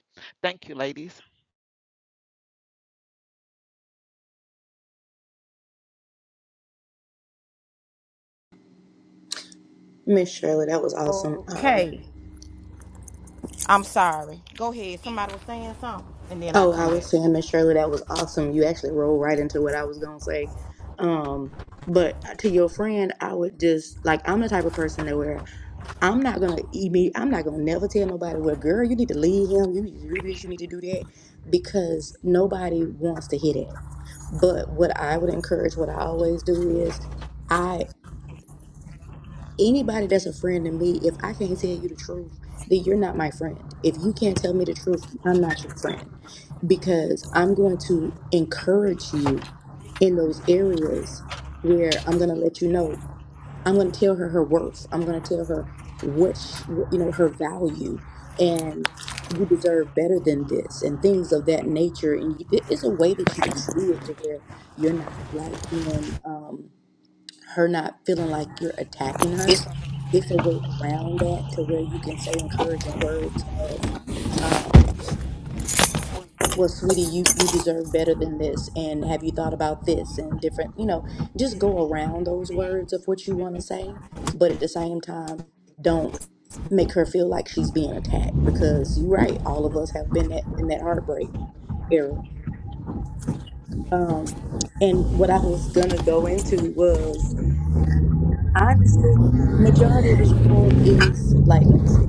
Thank you, ladies. Miss Shirley, that was awesome. Um, Okay. I'm sorry. Go ahead. Somebody was saying something, and then I oh, I come was saying, Miss Shirley, that was awesome. You actually rolled right into what I was gonna say. Um, but uh, to your friend, I would just like I'm the type of person that where I'm not gonna imme- I'm not gonna never tell nobody. Well, girl, you need to leave him. You need to do this. You need to do that because nobody wants to hear that. But what I would encourage, what I always do is. anybody that's a friend to me, if I can't tell you the truth, then you're not my friend. If you can't tell me the truth, I'm not your friend because I'm going to encourage you in those areas where I'm going to let you know. I'm going to tell her her worth. I'm going to tell her what she, you know her value and you deserve better than this and things of that nature and you, it's a way that you can do it to where you're not like being um her not feeling like you're attacking her it's a way around that to where you can say encouraging words of um, well sweetie you you deserve better than this and have you thought about this and different you know just go around those words of what you want to say but at the same time don't make her feel like she's being attacked because you're right all of us have been that, in that heartbreak era um, and what i was gonna go into was honestly majority of this room is like let me see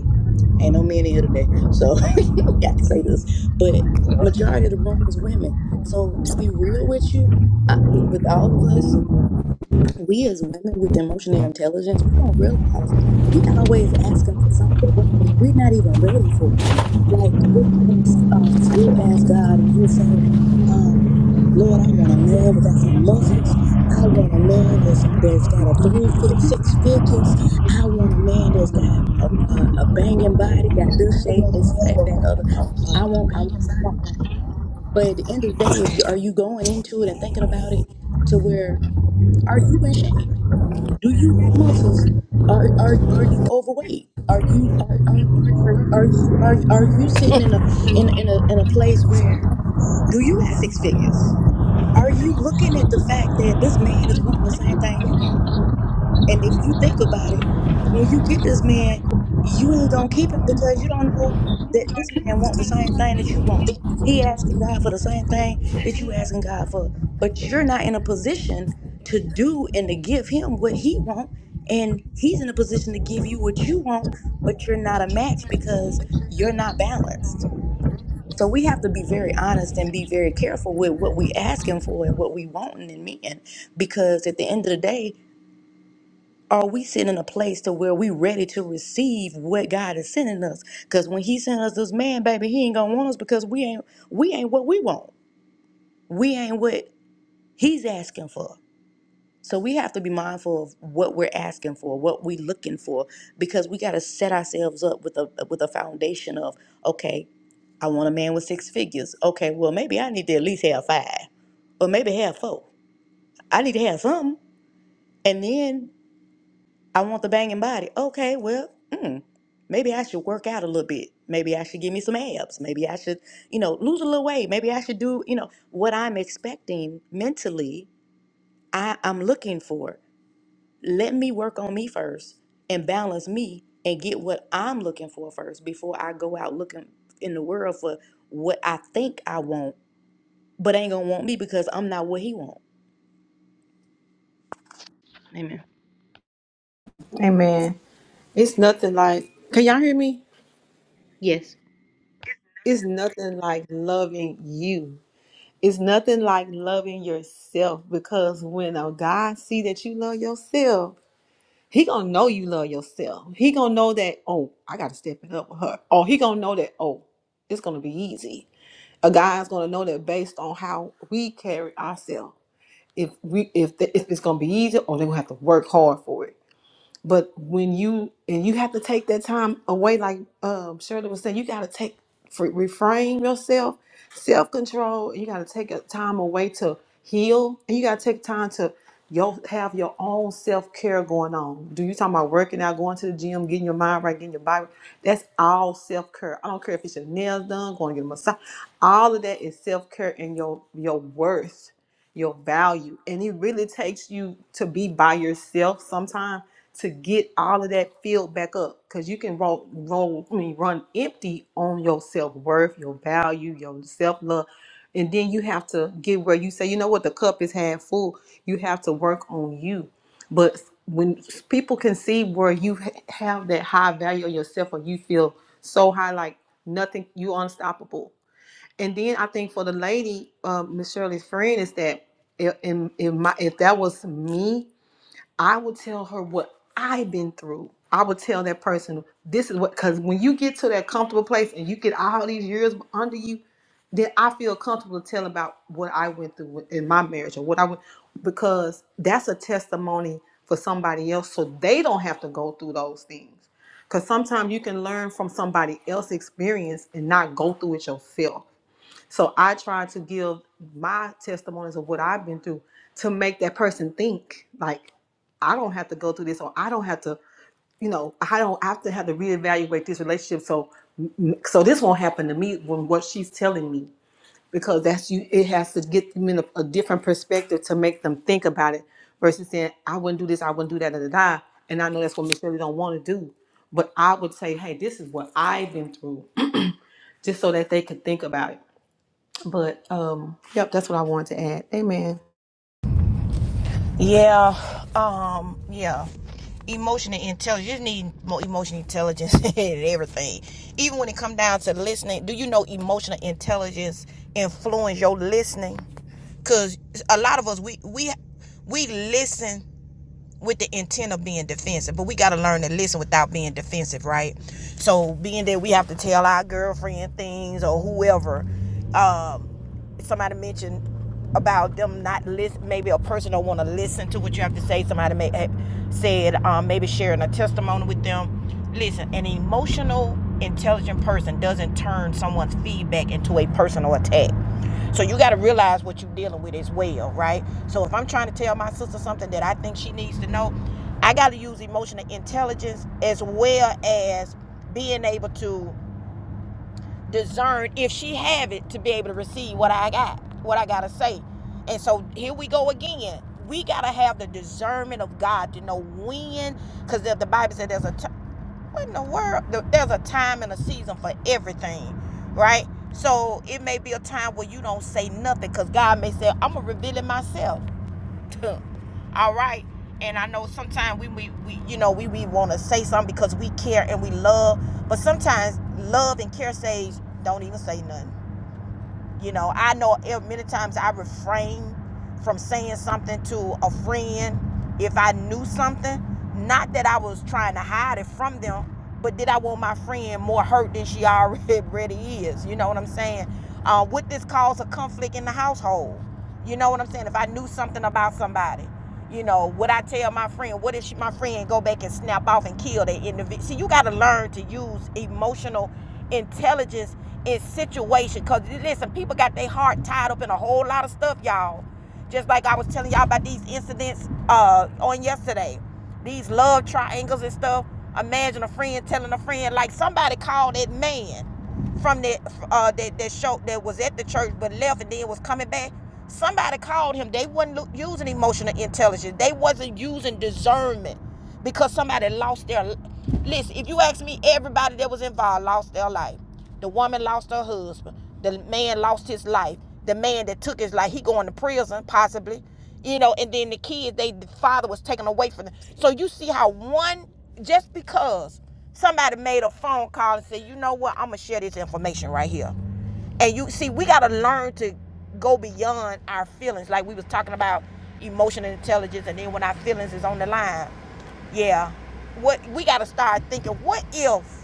Ain't no men in here today, so I can say this. But majority of the room is women. So to be real with you, I, with, with all of us, we as women with emotional intelligence, we don't realize we always asking for something that we do We're not even ready for. Like we'll ask, um, we'll ask God, and we'll say, um, "Lord, I want a man that got some muscles. I want a man that's that's got a three, fit six figures. I want a man that's got a, a, a banging body, got this shape, this, that, that other. I want, I want, I want." But at the end of the day, if you are you going into it and thinking about it to where are you in shape? Do you got muscles? Are are are you overweight? Are you are are you are are you sitting in a in in a in a place where do you got six figures? Are you looking at the fact that this man is back. wanting the same thing you want? And if you think about it, when you get this man, you ain't gonna keep him because you don't know that this man want the same thing that you want. He asking God for the same thing that you asking God for, but you're not in a position to do and to give him what he want, and he's in a position to give you what you want, but you're not a match because you're not balanced. So we have to be very honest and be very careful with what we asking for and what we wanting in men, because at the end of the day are we sitting in a place to where we ready to receive what God is sending us? Because when He sent us this man, baby, He ain't gonna want us because we ain't we ain't what we want. We ain't what He's asking for. So we have to be mindful of what we're asking for, what we're looking for, because we got to set ourselves up with a with a foundation of okay, I want a man with six figures. Okay, well maybe I need to at least have five, or maybe have four. I need to have something, and then I want the banging body. Okay, well. Maybe I should work out a little bit. Maybe I should give me some abs. Maybe I should, you know, lose a little weight. Maybe I should do, you know, what I'm expecting mentally, I, I'm looking for. Let me work on me first and balance me and get what I'm looking for first before I go out looking in the world for what I think I want, but ain't gonna want me because I'm not what he want. Amen. Amen. it's nothing like can y'all hear me Yes. It's nothing like loving you. It's nothing like loving yourself because when a God see that you love yourself, he gonna know you love yourself. He gonna know that, oh, I gotta step it up with her. Or he gonna know that, oh, it's gonna be easy. A guy's gonna know that based on how we carry ourselves. If we if the, if it's gonna be easy or they're gonna have to work hard for it but when you and you have to take that time away, like um, Shirley was saying, you got to take fr- refrain yourself, self control. You got to take a time away to heal, and you got to take time to your have your own self care going on. Do you talking about working out, going to the gym, getting your mind right, getting your body? right? That's all self care. I don't care if it's your nails done, going to get a massage. All of that is self care and your your worth, your value, and it really takes you to be by yourself sometimes to get all of that filled back up because you can roll, roll, I mean, run empty on your self worth, your value, your self love, and then you have to get where you say, you know what, the cup is half full. You have to work on you, but when people can see where you ha- have that high value of yourself, or you feel so high, like nothing, you unstoppable. And then I think for the lady, um, Miss Shirley's friend, is that if, in, in my, if that was me I will tell her what I've been through. I will tell that person this is what because when you get to that comfortable place and you get all these years under you, then I feel comfortable to tell about what I went through with- in my marriage or what I went because that's a testimony for somebody else so they don't have to go through those things. Because sometimes you can learn from somebody else's experience and not go through it yourself. So I try to give my testimonies of what I've been through to make that person think like I don't have to go through this or I don't have to, you know, I don't have to have to reevaluate this relationship. So so this won't happen to me when what she's telling me because that's you it has to get them in a, a different perspective to make them think about it versus saying I wouldn't do this, I wouldn't do that, da, da, da. and I know that's what Miss Shirley don't want to do. But I would say, hey, this is what I've been through, just so that they could think about it. But um, yep, that's what I wanted to add. Amen. Yeah, um, yeah. Emotional intelligence. You need more emotional intelligence in everything. Even when it comes down to listening, do you know emotional intelligence influence your listening? Cause a lot of us we we we listen with the intent of being defensive. But we got to learn to listen without being defensive, right? So being that we have to tell our girlfriend things or whoever. Um, somebody mentioned about them not listen. Maybe a person don't want to listen to what you have to say. Somebody may, eh, said um, maybe sharing a testimony with them. Listen, an emotional, intelligent person doesn't turn someone's feedback into a personal attack. So you got to realize what you're dealing with as well, right? So if I'm trying to tell my sister something that I think she needs to know, I got to use emotional intelligence as well as being able to discern if she have it to be able to receive what I got, what I got to say. And so here we go again. We got to have the discernment of God to know when, because the, the Bible said there's a, what in the world? There's a time and a season for everything, right? So it may be a time where you don't say nothing because God may say, I'm going to reveal it myself. All right. And I know sometimes we, we, we you know, we, we want to say something because we care and we love. But sometimes love and care says, don't even say nothing. You know, I know eh, many times I refrain from saying something to a friend if I knew something. Not that I was trying to hide it from them, but did I want my friend more hurt than she already is? You know what I'm saying? Uh, would this cause a conflict in the household? You know what I'm saying? If I knew something about somebody, you know, would I tell my friend? What if she, my friend go back and snap off and kill that individual? See, you got to learn to use emotional intelligence in situation. Cause listen, people got their heart tied up in a whole lot of stuff, y'all. Just like I was telling y'all about these incidents uh, on yesterday, these love triangles and stuff. Imagine a friend telling a friend, like somebody called that man from that uh, that that show that was at the church but left and then was coming back. Somebody called him. They wasn't using emotional intelligence. They wasn't using discernment because somebody lost their listen if you ask me everybody that was involved lost their life the woman lost her husband the man lost his life the man that took his life he going to prison possibly you know and then the kids they the father was taken away from them so you see how one just because somebody made a phone call and said you know what i'm gonna share this information right here and you see we got to learn to go beyond our feelings like we was talking about emotional intelligence and then when our feelings is on the line yeah what we got to start thinking what if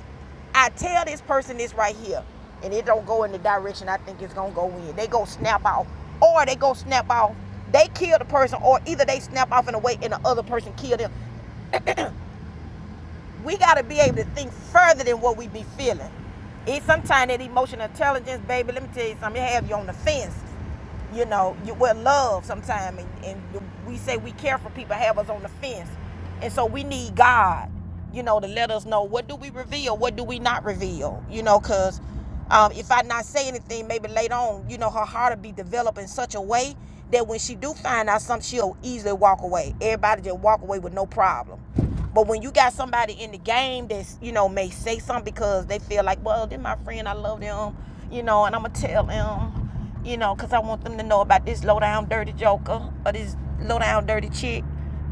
i tell this person this right here and it don't go in the direction i think it's gonna go in they go snap off or they go snap off they kill the person or either they snap off in a way and the other person kill them we got to be able to think further than what we be feeling. It's sometimes that emotional intelligence, baby. Let me tell you something. It have you on the fence. You know, you well love sometimes, and, and we say we care for people, have us on the fence, and so we need God. You know, to let us know what do we reveal, what do we not reveal. You know, cause um, if I not say anything, maybe later on, you know, her heart will be developed in such a way that when she do find out something, she'll easily walk away. Everybody just walk away with no problem. But when you got somebody in the game that's, you know, may say something because they feel like, well, they're my friend, I love them, you know, and I'm going to tell them, you know, because I want them to know about this low down dirty joker or this low down dirty chick.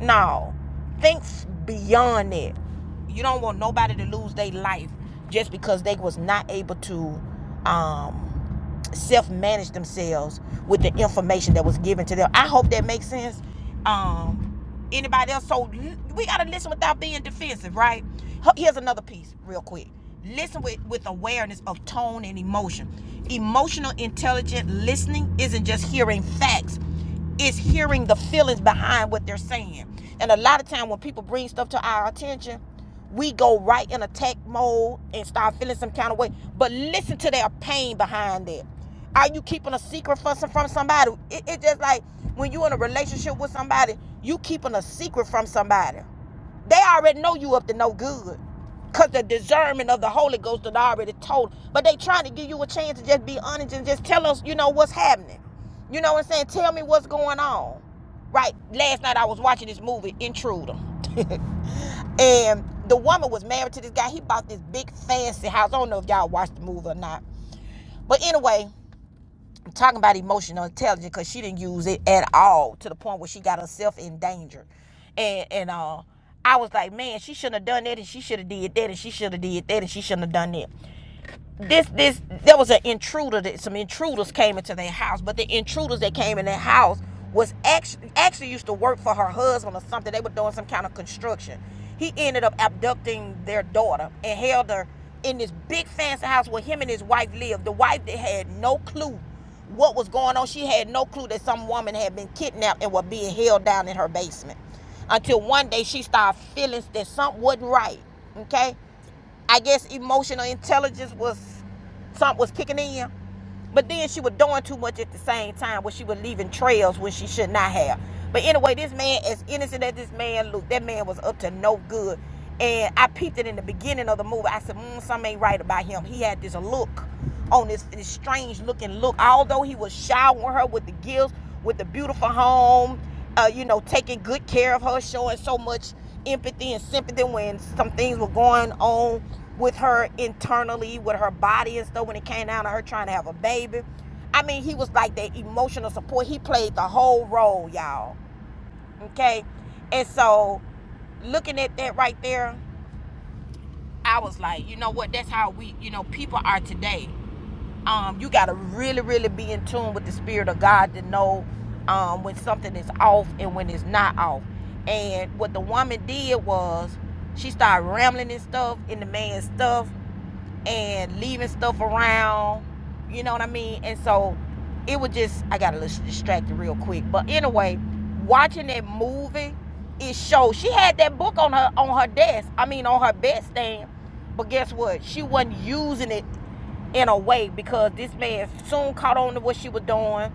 No. Think beyond that. You don't want nobody to lose their life just because they was not able to um, self-manage themselves with the information that was given to them. I hope that makes sense. Um, anybody else? So we gotta listen without being defensive, right? Here's another piece, real quick. Listen with, with awareness of tone and emotion. Emotional intelligent listening isn't just hearing facts is hearing the feelings behind what they're saying. And a lot of time when people bring stuff to our attention, we go right in attack mode and start feeling some kind of way. But listen to their pain behind that. Are you keeping a secret from from somebody? It, it's just like when you're in a relationship with somebody, you keeping a secret from somebody. They already know you up to no good. Because the discernment of the Holy Ghost that I already told. But they trying to give you a chance to just be honest and just tell us, you know, what's happening. You know what I'm saying? Tell me what's going on. Right. Last night I was watching this movie, Intruder. and the woman was married to this guy. He bought this big fancy house. I don't know if y'all watched the movie or not. But anyway, I'm talking about emotional intelligence because she didn't use it at all to the point where she got herself in danger. And and uh I was like, man, she shouldn't have done that and she should have did that and she should have did that and she shouldn't have done that this this there was an intruder that some intruders came into their house but the intruders that came in their house was actually actually used to work for her husband or something they were doing some kind of construction he ended up abducting their daughter and held her in this big fancy house where him and his wife lived the wife that had no clue what was going on she had no clue that some woman had been kidnapped and was being held down in her basement until one day she started feeling that something wasn't right okay I guess emotional intelligence was something was kicking in. But then she was doing too much at the same time where she was leaving trails where she should not have. But anyway, this man, as innocent as this man looked, that man was up to no good. And I peeped it in the beginning of the movie. I said, mm, something ain't right about him. He had this look on this, this strange looking look. Although he was showering her with the gifts, with the beautiful home uh, you know, taking good care of her, showing so much empathy and sympathy when some things were going on with her internally, with her body and stuff, when it came down to her trying to have a baby. I mean, he was like that emotional support. He played the whole role, y'all. Okay? And so, looking at that right there, I was like, you know what? That's how we, you know, people are today um, you got to really, really be in tune with the spirit of God to know um, when something is off and when it's not off. And what the woman did was she started rambling and stuff in the man's stuff and leaving stuff around. You know what I mean? And so it was just I got a little distracted real quick. But anyway, watching that movie, it showed she had that book on her on her desk. I mean on her bedstand. But guess what? She wasn't using it in a way because this man soon caught on to what she was doing.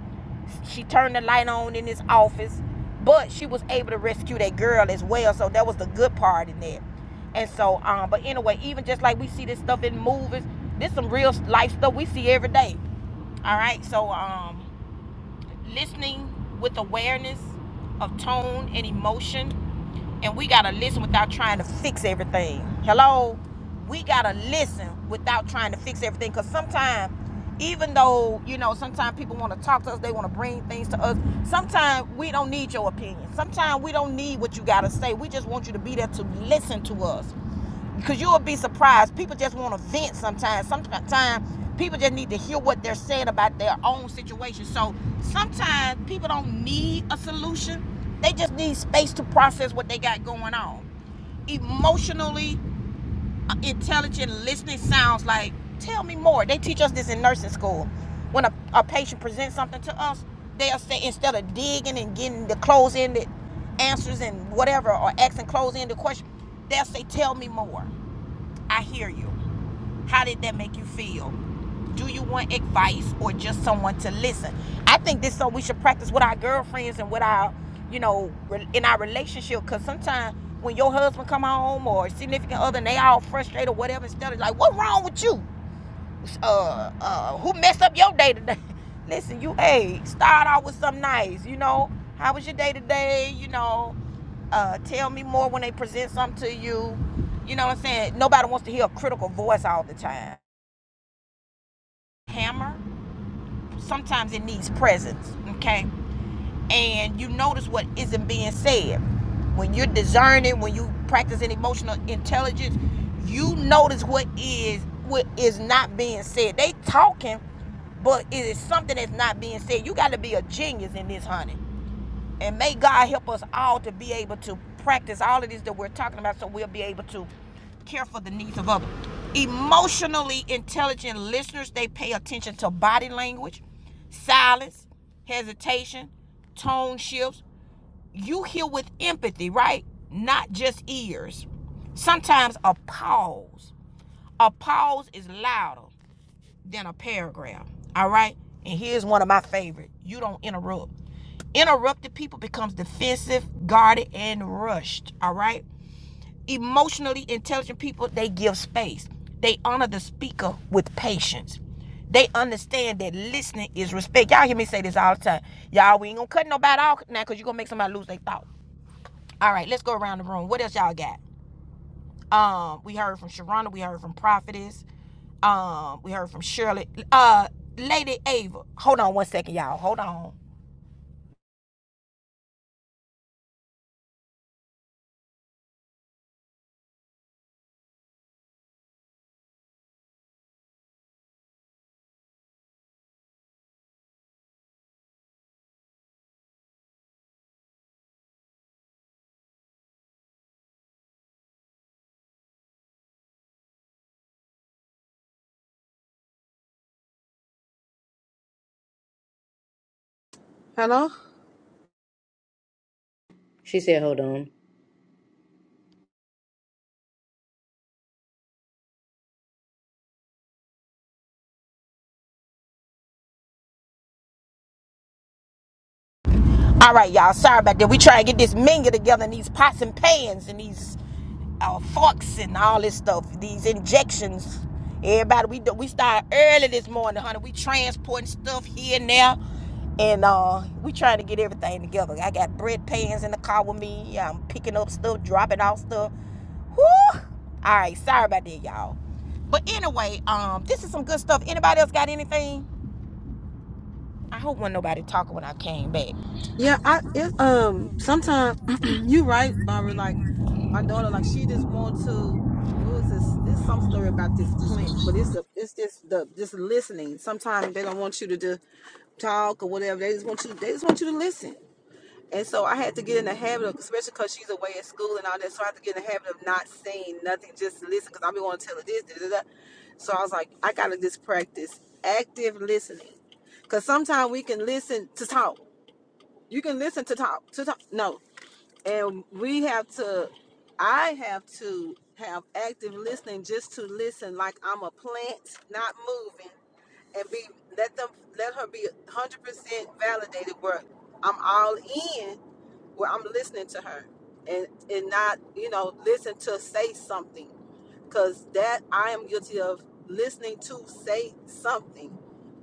She turned the light on in his office, but she was able to rescue that girl as well. So that was the good part in that. And so, um, but anyway, even just like we see this stuff in movies, this some real life stuff we see every day. All right, so um, listening with awareness of tone and emotion and we gotta listen without trying to fix everything. Hello, we gotta listen without trying to fix everything. Cause sometimes, even though you know, sometimes people want to talk to us, they want to bring things to us. Sometimes we don't need your opinion. Sometimes we don't need what you gotta say. We just want you to be there to listen to us. Because you'll be surprised. People just want to vent sometimes. Sometimes people just need to hear what they're saying about their own situation. So sometimes people don't need a solution, they just need space to process what they got going on. Emotionally uh, intelligent listening sounds like, tell me more. They teach us this in nursing school. When a, a patient presents something to us, they'll say, instead of digging and getting the close ended answers and whatever, or asking close ended questions, they'll say, tell me more I hear you. How did that make you feel? Do you want advice or just someone to listen? I think this so we should practice with our girlfriends and with our, you know, in our relationship. Cause sometimes when your husband come home or significant other and they all frustrated or whatever, instead of like, what wrong with you? uh, uh, who messed up your day today? Listen, you, hey, start out with something nice. You know, how was your day today? You know, uh, tell me more when they present something to you. You know what I'm saying? Nobody wants to hear a critical voice all the time. Hammer, sometimes it needs presence, okay? and you notice what isn't being said. When you're discerning, when you practice an emotional intelligence, you notice what is what is not being said. They talking, but it is something that's not being said. You got to be a genius in this, honey. And may God help us all to be able to practice all of this that we're talking about so we'll be able to care for the needs of others. Emotionally intelligent listeners, they pay attention to body language, silence, hesitation, tone shifts. You hear with empathy, right? Not just ears. Sometimes a pause. A pause is louder than a paragraph. All right? And here's one of my favorite. You don't interrupt. Interrupted people becomes defensive, guarded, and rushed. All right? Emotionally intelligent people, they give space. They honor the speaker with patience. They understand that listening is respect. Y'all hear me say this all the time. Y'all, we ain't gonna cut nobody out now because you're gonna make somebody lose their thought. All right, let's go around the room. What else y'all got? Um, we heard from Sharona. We heard from Prophetess. Um, we heard from Shirley. Uh, Lady Ava. Hold on one second, y'all. Hold on. Hello? She said, hold on. All right, y'all. Sorry about that. We try to get this minga together and these pots and pans and these uh, forks and all this stuff. These injections. Everybody, we do, we start early this morning, honey. We transporting stuff here and there, and uh, we trying to get everything together. I got bread pans in the car with me. I'm picking up stuff, dropping off stuff. Whew. All right. Sorry about that, y'all. But anyway, um, this is some good stuff. Anybody else got anything? I hope won't nobody talking when I came back. Yeah, Yeah, I it um sometimes you right, Barbara, like my I, daughter, like she um, just want to what was this It's some story about this plant, but it's a it's just the just listening. Sometimes they don't want you to do, talk or whatever. They just want you they just want you to listen. And so I had to get in the habit of, especially because she's away at school and all that, so I had to get in the habit of not saying nothing, just listen, because I'm going to tell her this, da, da, da. So I was like, I got to just practice active listening. Because sometimes we can listen to talk. You can listen to talk, to talk. No. And we have to, I have to have active listening just to listen like I'm a plant, not moving, and be, let them, let her be 100% validated where I'm all in where I'm listening to her and and not you know listen to say something because that I am guilty of listening to say something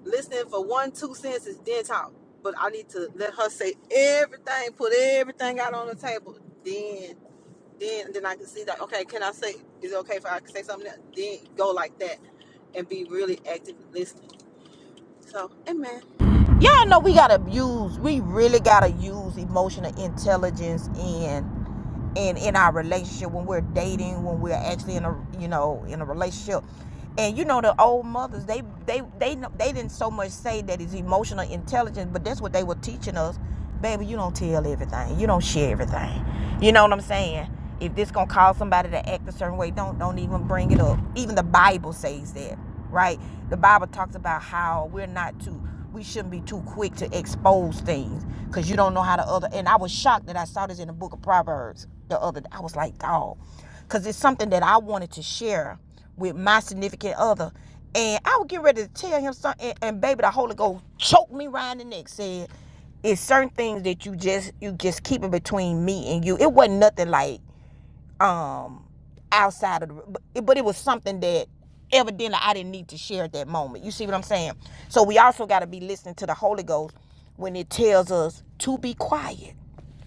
listening for one two sentences then talk but I need to let her say everything put everything out on the table then then then I can see that okay can I say is it okay if I can say something else? then go like that and be really active listening so amen Y'all know we gotta use, we really gotta use emotional intelligence in in in our relationship when we're dating, when we're actually in a you know in a relationship. And you know the old mothers, they they they they didn't so much say that it's emotional intelligence, but that's what they were teaching us. Baby, you don't tell everything. You don't share everything. You know what I'm saying? If this gonna cause somebody to act a certain way, don't don't even bring it up. Even the Bible says that right? The Bible talks about how we're not too, we shouldn't be too quick to expose things because you don't know how the other. And I was shocked that I saw this in the book of Proverbs the other day. I was like, dog, because it's something that I wanted to share with my significant other. And I would get ready to tell him something, and, and baby, the Holy Ghost choked me round the neck, said, it's certain things that you just you just keep it between me and you. It wasn't nothing like um outside of the but it, was something that evidently I didn't need to share at that moment. You see what I'm saying? So we also got to be listening to the Holy Ghost when it tells us to be quiet,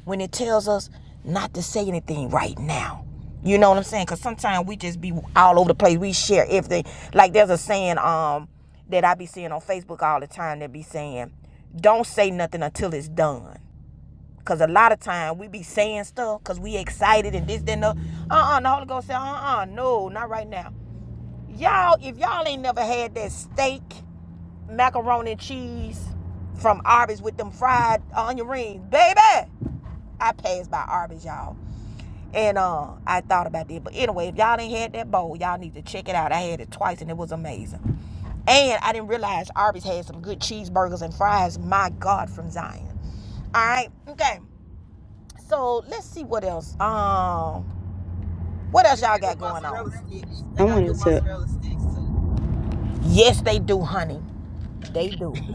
when it tells us not to say anything right now. You know what I'm saying? Cuz sometimes we just be all over the place. We share everything. Like there's a saying um that I be seeing on Facebook all the time that be saying, "Don't say nothing until it's done." Cause a lot of time we be saying stuff cause we excited and this, then the uh-uh. The Holy Ghost said, uh-uh, no, not right now. Y'all, if y'all ain't never had that steak, macaroni and cheese from Arby's with them fried onion rings, baby. I passed by Arby's, y'all. And uh I thought about that. But anyway, if y'all ain't had that bowl, y'all need to check it out. I had it twice and it was amazing. And I didn't realize Arby's had some good cheeseburgers and fries, my God, from Zion. All right, okay. So let's see what else. Um, what else and y'all some good got going mozzarella on? sticks I they got wanted good to mozzarella sticks too Yes, they do, honey. They do.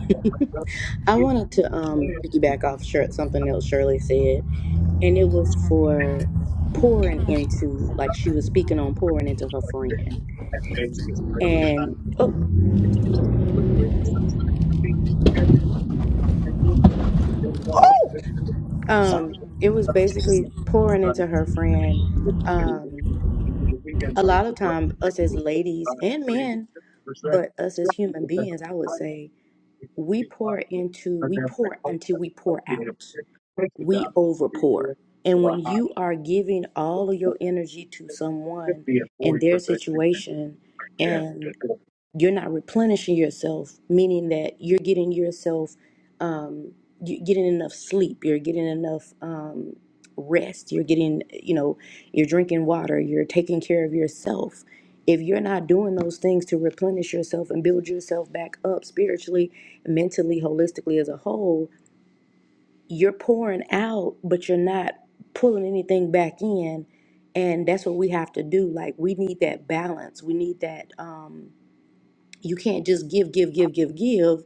I wanted to um piggyback off Shir- something else Shirley said. and it was for pouring into like she was speaking on pouring into her friend and oh, oh Oh, so- um it was basically pouring into her friend um a lot of time, us as ladies and men but us as human beings i would say we pour into we pour until we pour out we overpour, and when you are giving all of your energy to someone in their situation you're not replenishing yourself, meaning that you're getting yourself, um, you're getting enough sleep, you're getting enough um, rest, you're getting, you know, you're drinking water, you're taking care of yourself. If you're not doing those things to replenish yourself and build yourself back up spiritually, mentally, holistically as a whole, you're pouring out, but you're not pulling anything back in. And that's what we have to do. Like, we need that balance. We need that. Um, you can't just give, give, give, give, give,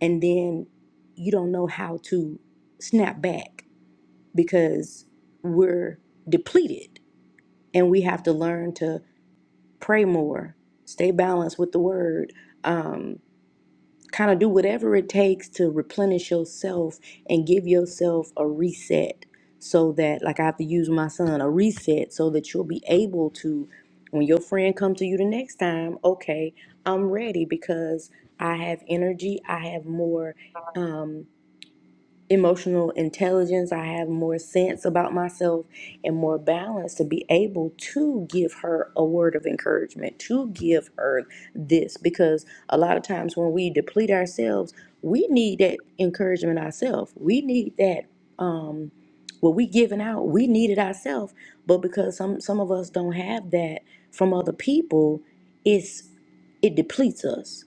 and then you don't know how to snap back because we're depleted and we have to learn to pray more, stay balanced with the word. Um, Kind of do whatever it takes to replenish yourself and give yourself a reset so that, like I have to use my son, a reset so that you'll be able to, when your friend comes to you the next time, okay, I'm ready because I have energy, I have more. um, emotional intelligence. I have more sense about myself and more balance to be able to give her a word of encouragement, to give her this. Because a lot of times when we deplete ourselves, we need that encouragement ourselves. We need that. Um, what we giving out, we need it ourselves. But because some some of us don't have that from other people, it's it depletes us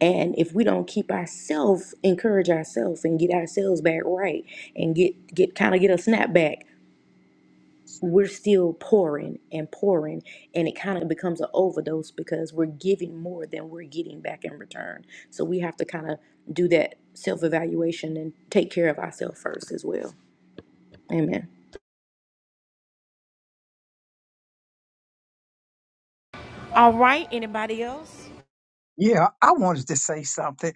and if we don't keep ourselves, encourage ourselves and get ourselves back right and get get kind of get a snap back, we're still pouring and pouring and it kind of becomes an overdose because we're giving more than we're getting back in return. So we have to kind of do that self-evaluation and take care of ourselves first as well. Amen. Yeah, I wanted to say something.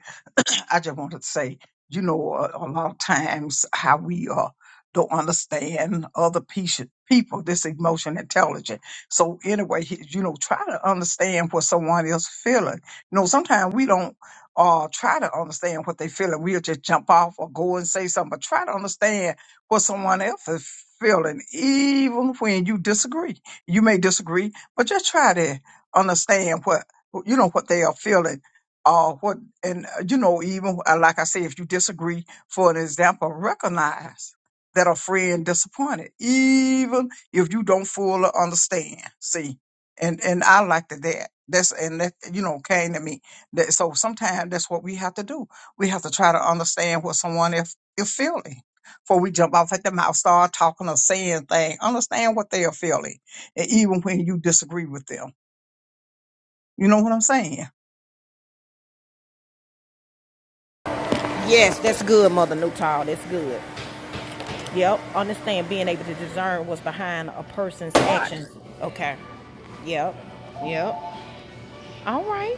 I just wanted to say, you know, a, a lot of times how we uh, don't understand other peo- people, this emotion intelligence. So anyway, he- you know, try to understand what someone is feeling. You know, sometimes we don't uh, try to understand what they're feeling. We'll just jump off or go and say something, but try to understand what someone else is feeling, even when you disagree. You may disagree, but just try to understand what you know what they are feeling uh what and uh, you know even uh, like i say if you disagree for an example recognize that a friend disappointed even if you don't fully understand see and and i like that that that's and that you know came to me that so sometimes that's what we have to do we have to try to understand what someone is, is feeling before we jump off at the mouth start talking or saying things understand what they are feeling and even when you disagree with them you know what i'm saying yes, that's good, Mother Newtall. That's good. Yep, understand being able to discern what's behind a person's actions. Okay. Yep. Yep. All right.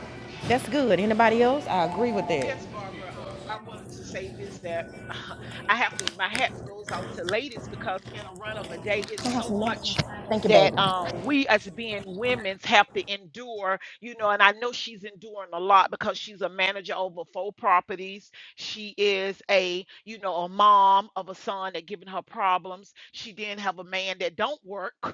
That's good. Anybody else? I agree with that. Yes, Barbara. Um, I wanted to say this that I have to. My hat goes off to ladies because in a run of a day, it's so much Thank you, that baby. uh, we as being women's have to endure. You know, and I know she's enduring a lot because she's a manager over four properties. She is a you know a mom of a son that giving her problems. She didn't have a man that don't work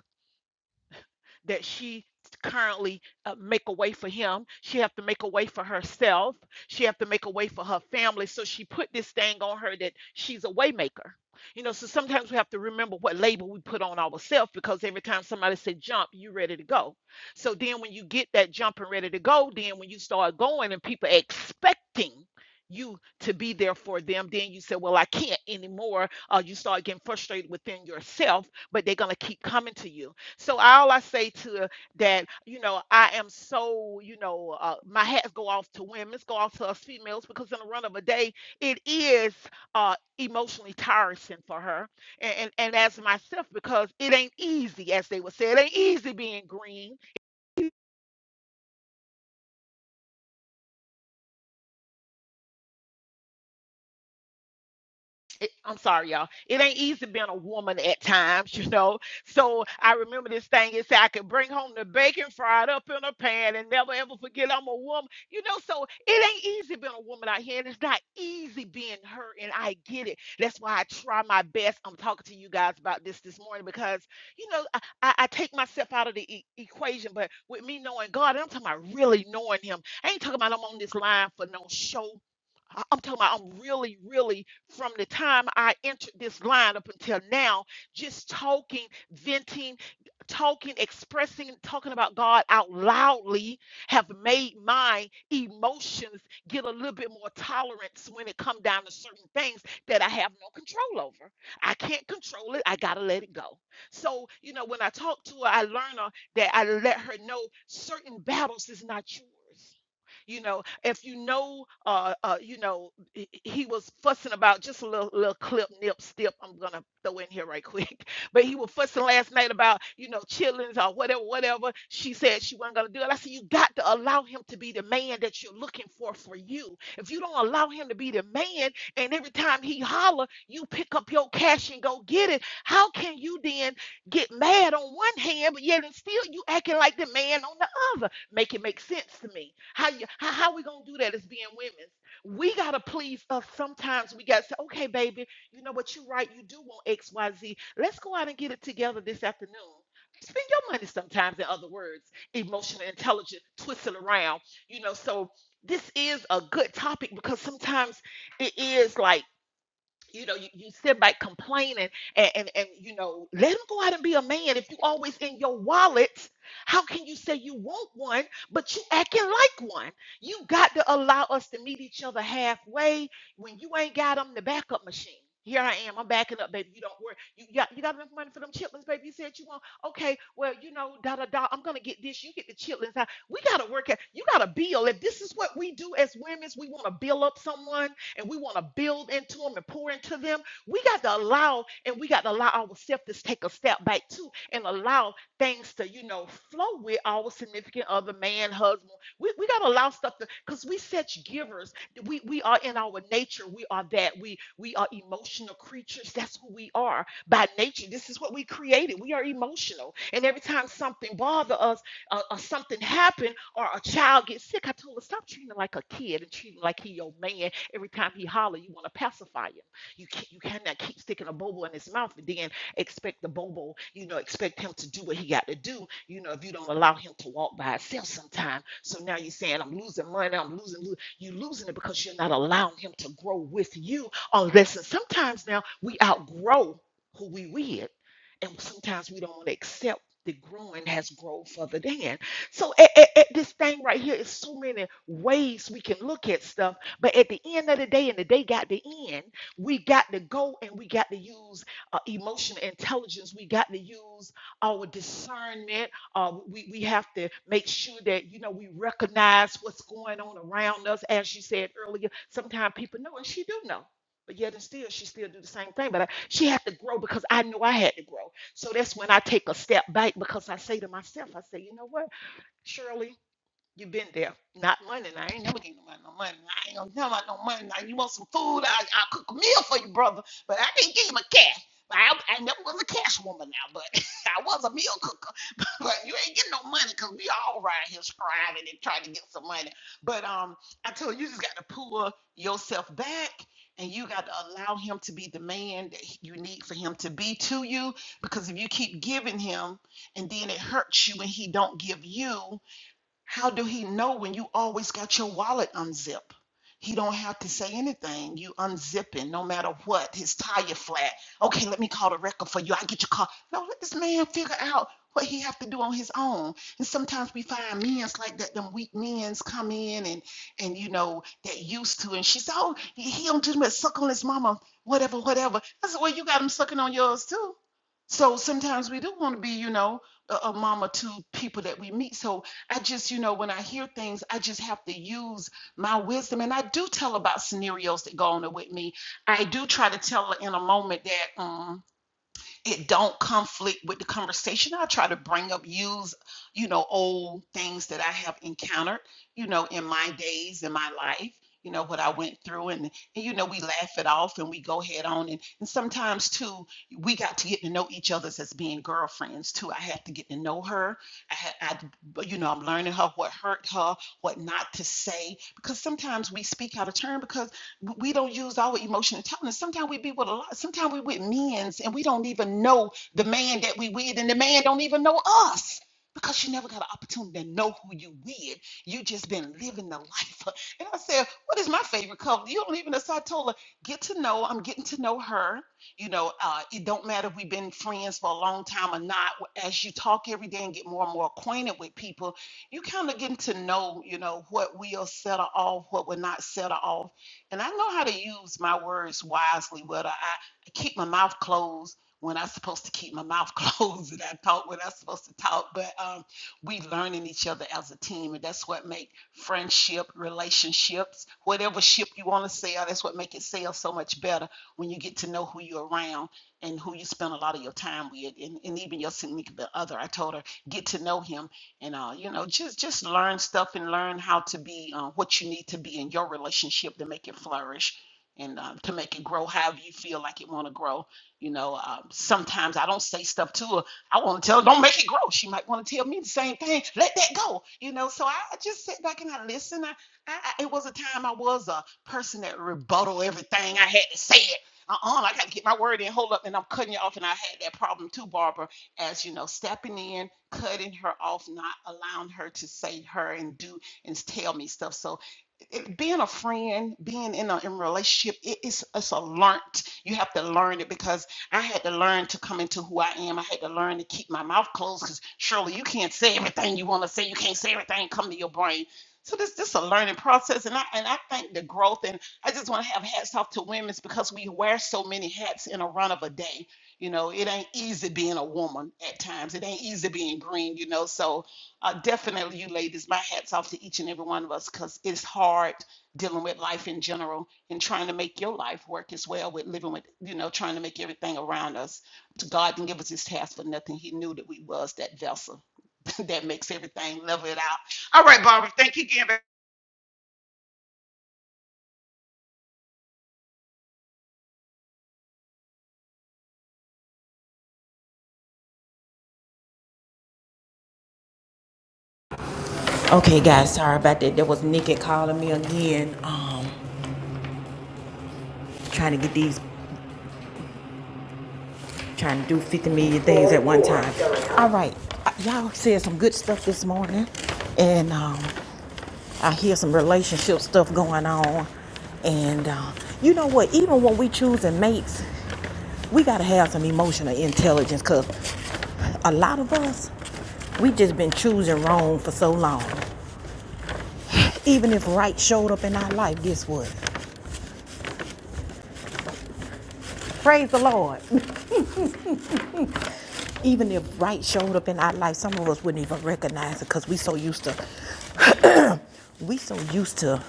that she currently uh, make a way for him she have to make a way for herself she have to make a way for her family so she put this thing on her that she's a waymaker you know so sometimes we have to remember what label we put on ourselves because every time somebody say jump you ready to go so then when you get that jump and ready to go then when you start going and people are expecting you to be there for them then you say well i can't anymore uh, you start getting frustrated within yourself but they're going to keep coming to you so all I say to uh, that, you know, I am so, you know, uh, my hats go off to women, go off to us females because in the run of a day, it is uh, emotionally tiresome for her, and, and and as myself because it ain't easy, as they would say, it ain't easy being green. it- I'm sorry, y'all. It ain't easy being a woman at times, you know. So I remember this thing. It said I could bring home the bacon fried up in a pan and never ever forget I'm a woman, you know. So it ain't easy being a woman out here, and it's not easy being her. And I get it. That's why I try my best. I'm talking to you guys about this this morning because you know I, I, I take myself out of the e- equation, but with me knowing God, I'm talking about really knowing Him. I ain't talking about I'm on this line for no show. I- I'm talking about I'm really, really from the time I entered this line up until now, just talking, venting, talking, expressing, talking about God out loudly have made my emotions get a little bit more tolerance when it come down to certain things that I have no control over. I can't control it. I gotta let it go. So, you know, when I talk to her, I learn her that I let her know certain battles is not yours. You know, if you know, uh, uh, you know, he he was fussing about just a little little clip, nip, stip. I'm gonna throw in here right quick, but he was fussing last night about you know chillings or whatever, whatever. She said she wasn't gonna do it. I said you got to allow him to be the man that you're looking for for you. If you don't allow him to be the man, and every time he holler, you pick up your cash and go get it. How can you then get mad on one hand, but yet and still you acting like the man on the other? make it make sense to me. How you how, how we gonna do that as being women? We gotta please us sometimes. We gotta say, okay, baby, you know what, you are right, you do want XYZ. Let's go out and get it together this afternoon. Spend your money sometimes, in other words, emotional intelligence, twist it around, you know. So this is a good topic because sometimes it is like you know, you, you sit back complaining and, and, and, you know, let him go out and be a man. If you always in your wallet, how can you say you want one, but you acting like one? You got to allow us to meet each other halfway when you ain't got them the backup machine. Here I am. I'm backing up, baby. You don't worry. You you got you got enough money for them chitlins, baby. You said you want. Okay, well, you know, da da da. I'm gonna get this. You get the chitlins. I- We gotta work at. You gotta bill. If this is what we do as women, we want to bill up someone and we want to build into them and pour into them, we got to allow and we got to allow ourselves to take a step back too and allow things to, you know, flow with our significant other, man, husband. We, we got to allow stuff to, because we such givers. We, we are in our nature. We are that. We, we are emotional creatures. That's who we are by nature. This is what we created. We are emotional. And every time something bothers us uh, or something happened, or a child gets sick, I told her, stop treating him like a kid and treat him like he your man Every time he holler, you want to pacify him. You can't, you cannot keep sticking a bobo in his mouth and then expect the bobo, you know, expect him to do what he got to do, you know, if you don't allow him to walk by himself sometime. So now you're saying, I'm losing money, I'm losing, lo-" you're losing it because you're not allowing him to grow with you. Unless, and sometimes now we outgrow who we with, and sometimes we don't want to accept the growing has grown further than. So at, at, at this thing right here is so many ways we can look at stuff but at the end of the day, and the day got to end, we got to go and we got to use uh, emotional intelligence. We got to use our discernment. Uh, we, we have to make sure that, you know, we recognize what's going on around us. As you said earlier, sometimes people know, and she do know. But yet and still, she still do the same thing. But I, she had to grow because I knew I had to grow. So that's when I take a step back because I say to myself, I say, you know what, Shirley, you been there. Not money. Now, I ain't never gave nobody no money. I ain't gonna tell about no money. Now you want some food? I I'll cook a meal for you, brother. But I can't give him a cash. I, I never was a cash woman now, but I was a meal cooker. But you ain't getting no money because we all around here striving and trying to get some money. But um, I told you, you just got to pull yourself back and you got to allow him to be the man that he- you need for him to be to you. Because if you keep giving him and then it hurts you when he don't give you, how do he know when you always got your wallet unzipped? He don't have to say anything. You unzipping no matter what. His tire flat. Okay, let me call the record for you. I get your car. No, let this man figure out what he have to do on his own. And sometimes we find men's like that. Them weak men's come in and and you know that used to. And she said, oh, he he don't do much suck on his mama, whatever, whatever. I said, well, you got him sucking on yours too. So sometimes we do want to be, you know, a, a mama to people that we meet. So I just, you know, when I hear things, I just have to use my wisdom. And I do tell about scenarios that go on with me. I do try to tell her in a moment that. um, it don't conflict with the conversation i try to bring up use you know old things that i have encountered you know in my days in my life you know what i went through and, and you know we laugh it off and we go head on and, and sometimes too we got to get to know each other as being girlfriends too i had to get to know her i had I, you know i'm learning her what hurt her what not to say because sometimes we speak out of turn because we don't use our emotional intelligence. Sometimes we be with a lot. Sometimes we with men's and we don't even know the man that we with, and the man don't even know us because you never got an opportunity to know who you with. You just been living the life. And I said, what is my favorite color? You don't even. know. So I told her, get to know. I'm getting to know her. You know, uh, it don't matter if we've been friends for a long time or not. As you talk every day and get more and more acquainted with people, you kind of getting to know. You know what we'll settle off, what will not settle off and I know how to use my words wisely, but I, I keep my mouth closed when I'm supposed to keep my mouth closed and I talk when I'm supposed to talk. But um, we learning each other as a team, and that's what make friendship, relationships, whatever ship you want to sail, that's what make it sail so much better when you get to know who you're around and who you spend a lot of your time with, and, and even your significant other. I told her, get to know him and uh, you know just just learn stuff and learn how to be uh, what you need to be in your relationship to make it flourish and um, to make it grow however you feel like it want to grow you know um, sometimes i don't say stuff to her i want to tell her don't make it grow she might want to tell me the same thing let that go you know so i I just sit back and i listen I, I, I- it was a time i was a person that rebuttal everything i had to say it uh-uh, I got to get my word in. Hold up, and I'm cutting you off. And I had that problem too, Barbara as you know, stepping in, cutting her off, not allowing her to say her and do and tell me stuff. So it, being a friend, being in a in a relationship, it, it's it's a learned. You have to learn it because I had to learn to come into who I am. I had to learn to keep my mouth closed because surely you can't say everything you want to say. You can't say everything come to your brain. So this this is a learning process, and I and I think the growth, and I just want to have hats off to women because we wear so many hats in a run of a day. You know, it ain't easy being a woman at times. It ain't easy being green, you know. So, uh, definitely, you ladies, my hat's off to each and every one of us because it's hard dealing with life in general and trying to make your life work as well with living with, you know, trying to make everything around us. God didn't give us this task for nothing. He knew that we was that vessel that makes everything level it out. All right, Barbara, thank you again. babe. Okay, guys. Sorry about that. There was Nikki calling me again. Um, trying to get these trying to do 50 million things at one time. All right, uh, y'all said some good stuff this morning, and um, I hear some relationship stuff going on. And uh, you know what? Even when we choosing mates, we gotta have some emotional intelligence, cause a lot of us we just been choosing wrong for so long. Even if right showed up in our life, guess what? Praise the Lord. Even if right showed up in our life, some of us wouldn't even recognize it because we so used to, we so used to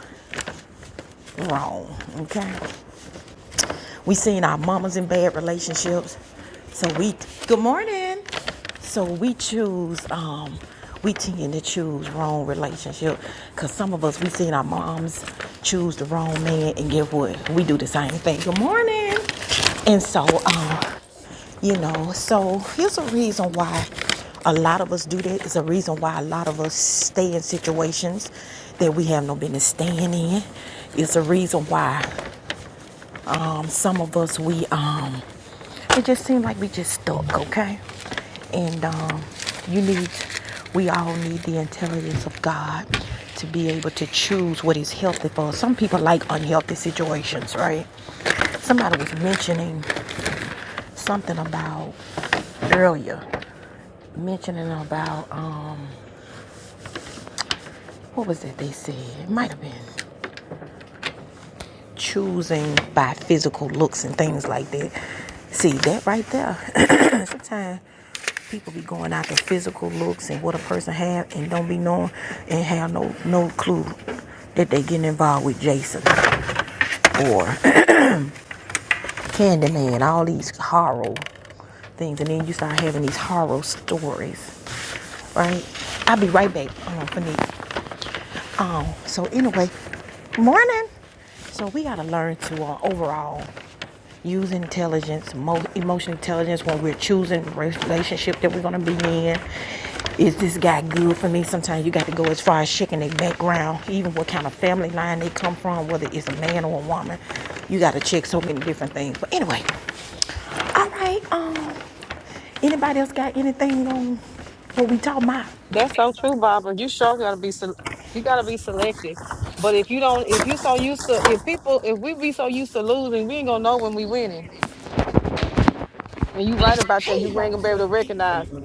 wrong. Okay. We seen our mamas in bad relationships. So we good morning. So we choose um we tend to choose wrong relationship because some of us we seen our moms choose the wrong man and get what we do the same thing. Good morning. And so um you know, so here's a reason why a lot of us do that. It's a reason why a lot of us stay in situations that we have no business staying in. It's a reason why some of us, we, um, it just seemed like we just stuck, okay? And, um, you need, we all need the intelligence of God to be able to choose what is healthy for us. Some people like unhealthy situations, right? Somebody was mentioning something about earlier, mentioning about, um, what was it they said? It might have been. choosing by physical looks and things like that. See that right there. Sometimes people be going after physical looks and what a person have and don't be knowing and have no no clue that they getting involved with Jason or Candyman, all these horror things, and then you start having these horror stories, right? I'll be right back. Um, for me. Um, so anyway, morning. So we gotta learn to uh, overall Use intelligence, mo- emotional intelligence when we're choosing the relationship that we're gonna be in. Is this guy good for me? Sometimes you got to go as far as checking their background, even what kind of family line they come from, whether it's a man or a woman. You got to check so many different things. But anyway, all right. Um, anybody else got anything on what we talking about? That's so true, Barbara. You sure gotta be sel- you gotta be selective. But if you don't, if you so used to, if people, if we be so used to losing, we ain't gonna know when we winning. And you right about that. You ain't gonna be able to recognize. it.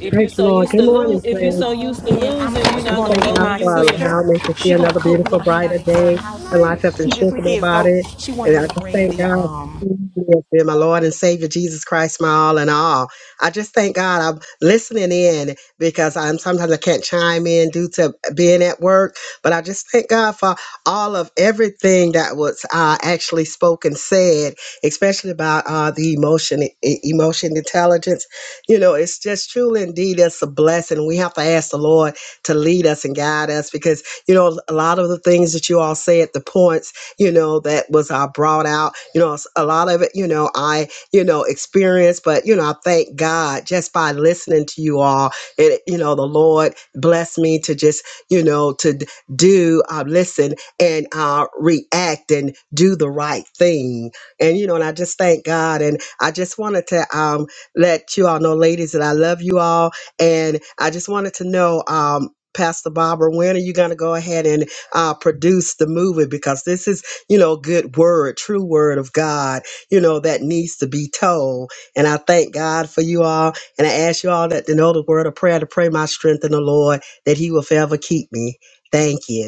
If you Praise the so Lord. used Good to Actually, I'm morning, lose, if you staying friends. so home used to and I'm losing, I you actually just not going gonna to thank know meet God when my you for winning. allowing sister. me to see She's gonna another cook. We're beautiful, gonna hang out brighter at her day house and life nice. after the this strength of my weekend. So body. she wanted And I me to just bring thank the God for um who He is, being my Lord and Savior, Jesus Christ, my all in all. I just thank God I'm listening in because I'm sometimes I can't chime in due to being at work. But I just thank God for all of everything that was uh, actually spoken, said, especially about uh, the emotion, e- emotion intelligence. You know, it's just truly indeed it's a blessing. We have to ask the Lord to lead us and guide us because, you know, a lot of the things that you all say at the points, you know, that was uh, brought out, you know, a lot of it, you know, I, you know, experienced, but, you know, I thank God just by listening to you all. And, you know, the Lord blessed me to just, you know, to d- do, uh, listen and uh, react and do the right thing. And, you know, and I just thank God. And I just wanted to um, let you all know, ladies, that I love you all. And I just wanted to know. Um, Pastor Barbara, when are you going to go ahead and uh, produce the movie? Because this is, you know, good word, true word of God, you know, that needs to be told. And I thank God for you all. And I ask you all that to know the word of prayer, to pray my strength in the Lord, that He will forever keep me. Thank you.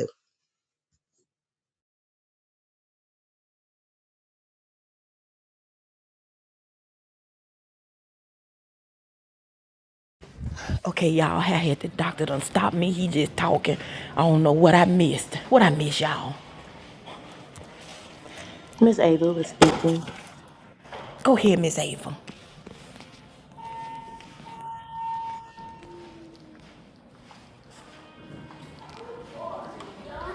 Okay, y'all, I had the doctor done stop me. He just talking. I don't know what I missed. What I miss, y'all. Miss Ava was speaking. Go ahead, Miss Ava.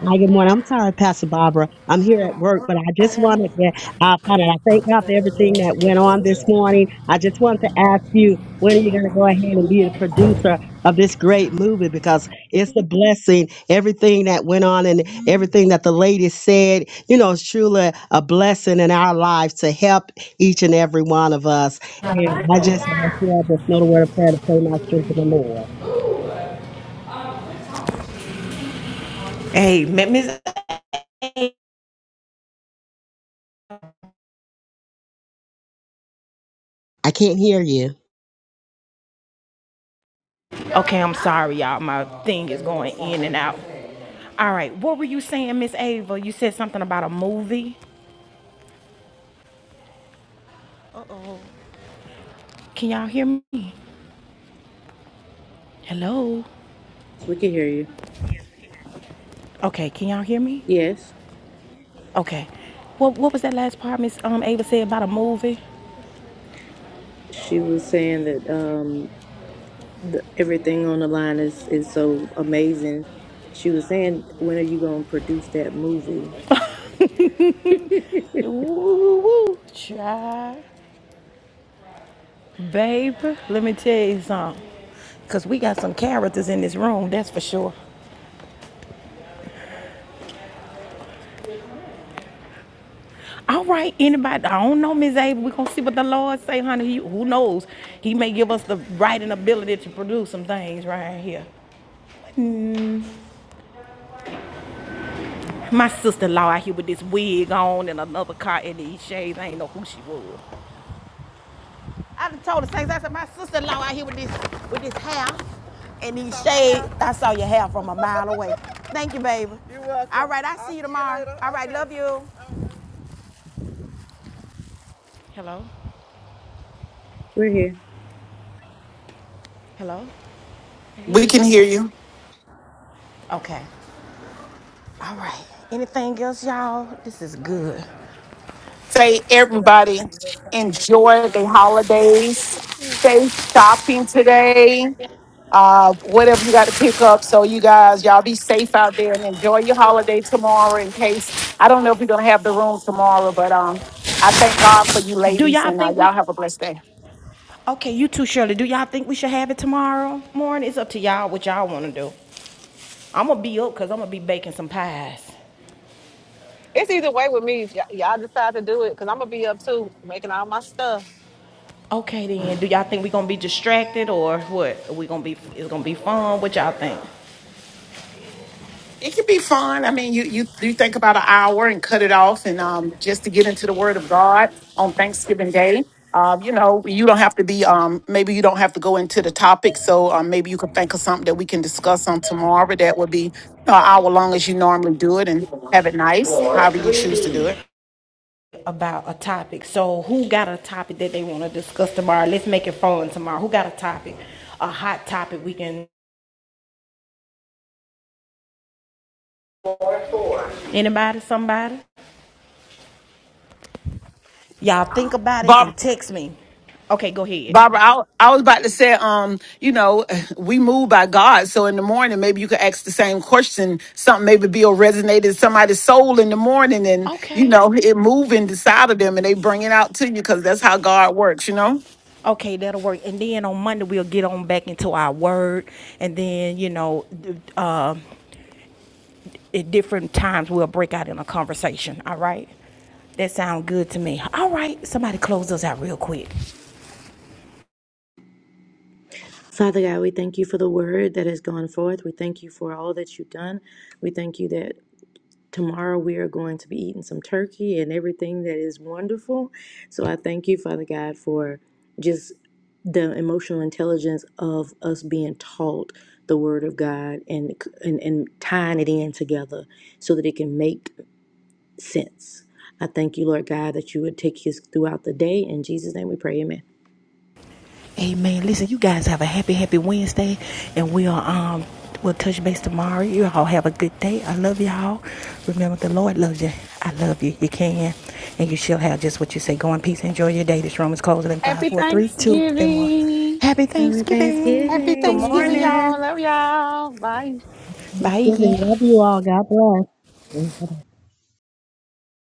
Hi, good morning. I'm sorry, Pastor Barbara. I'm here at work, but I just wanted to, uh, find out. I thank God for everything that went on this morning. I just wanted to ask you, when are you going to go ahead and be the producer of this great movie? Because it's a blessing. Everything that went on and everything that the lady said, you know, it's truly a blessing in our lives to help each and every one of us. And I just ask you all this know the word of prayer to pray my strength in the Lord. Hey, Miss. I can't hear you. Okay, I'm sorry, y'all. My thing is going in and out. All right, what were you saying, Miss Ava? You said something about a movie. Uh oh. Can y'all hear me? Hello. We could hear you. Okay, can y'all hear me? Yes. Okay. What What was that last part Miss um, Ava said about a movie? She was saying that. um the, everything on the line is is so amazing. She was saying, "When are you going to produce that movie?" Ooh, Try. Babe, let me tell you something. Cause we got some characters in this room, that's for sure. All right, anybody, I don't know, Miss Ava. We're gonna see what the Lord say, honey. He- who knows? He may give us the right and ability to produce some things right here. My sister-in-law out here with this wig on and another car in these shades. I ain't know who she was. I done told the saints, I said, my sister-in-law out here with this with this hair and these shades. I saw your hair from a mile away. Thank you, baby. You're welcome. All right, I see you tomorrow. All right, love you. Hello. We're here. Hello? We Hey. can hear you. Okay. All right. Anything else, y'all? This is good. Say everybody enjoy the holidays. Stay shopping today. uh, whatever you got to pick up. So you guys, y'all be safe out there and enjoy your holiday tomorrow. In case I don't know if we're gonna have the room tomorrow, but um, I thank God for you Do ladies, y'all and uh, think we y'all have a blessed day. okay, you too, Shirley. Do y'all think we should have it tomorrow morning? It's up to y'all what y'all wanna do. I'm gonna be up because I'm gonna be baking some pies. It's either way with me. If y- y'all decide to do it, cause I'm gonna be up too, making all my stuff. Okay then. Do y'all think we are gonna be distracted or what? Are we gonna be it's gonna be fun? What y'all think? It can be fun. I mean, you you you think about an hour and cut it off, and um, just to get into the Word of God on Thanksgiving Day. Um, you know, you don't have to be. Um, maybe you don't have to go into the topic. So um, maybe you can think of something that we can discuss on tomorrow. That would be you know, an hour long as you normally do it, and have it nice, however you choose to do it. About a topic. So who got a topic that they wanna discuss tomorrow? Let's make it fun tomorrow. Who got a topic? A hot topic we can anybody, somebody? Y'all think about it and text me. Okay, go ahead. Barbara, I, I was about to say, um, you know, we move by God. So in the morning, maybe you could ask the same question. Something maybe be resonate in somebody's soul in the morning and, you Okay. know, it move inside of them and they bring it out to you because that's how God works, you know? Okay, that'll work. And then on Monday we'll get on back into our word, and then you know, uh, at different times we'll break out in a conversation. All right. That sounds good to me. All right. Somebody close us out real quick. Father God, we thank you for the word that has gone forth. We thank you for all that you've done. We thank you that tomorrow we are going to be eating some turkey and everything that is wonderful. So I thank you, Father God, for just the emotional intelligence of us being taught the word of God and and, and tying it in together so that it can make sense. I thank you, Lord God, that you would take us throughout the day. In Jesus' name we pray, amen. Amen. Listen, you guys have a happy, happy Wednesday, and we'll um we'll touch base tomorrow. You all have a good day. I love y'all. Remember, the Lord loves you. I love you. You can, and you shall have just what you say. Go in peace. Enjoy your day. This room is closing in five, Happy four, three, two, and one. Thanksgiving. Happy Happy Thanksgiving. Happy Good Thanksgiving, Thanksgiving. y'all. morning. Love y'all. Bye. Bye. Thanksgiving. Love you all. God bless.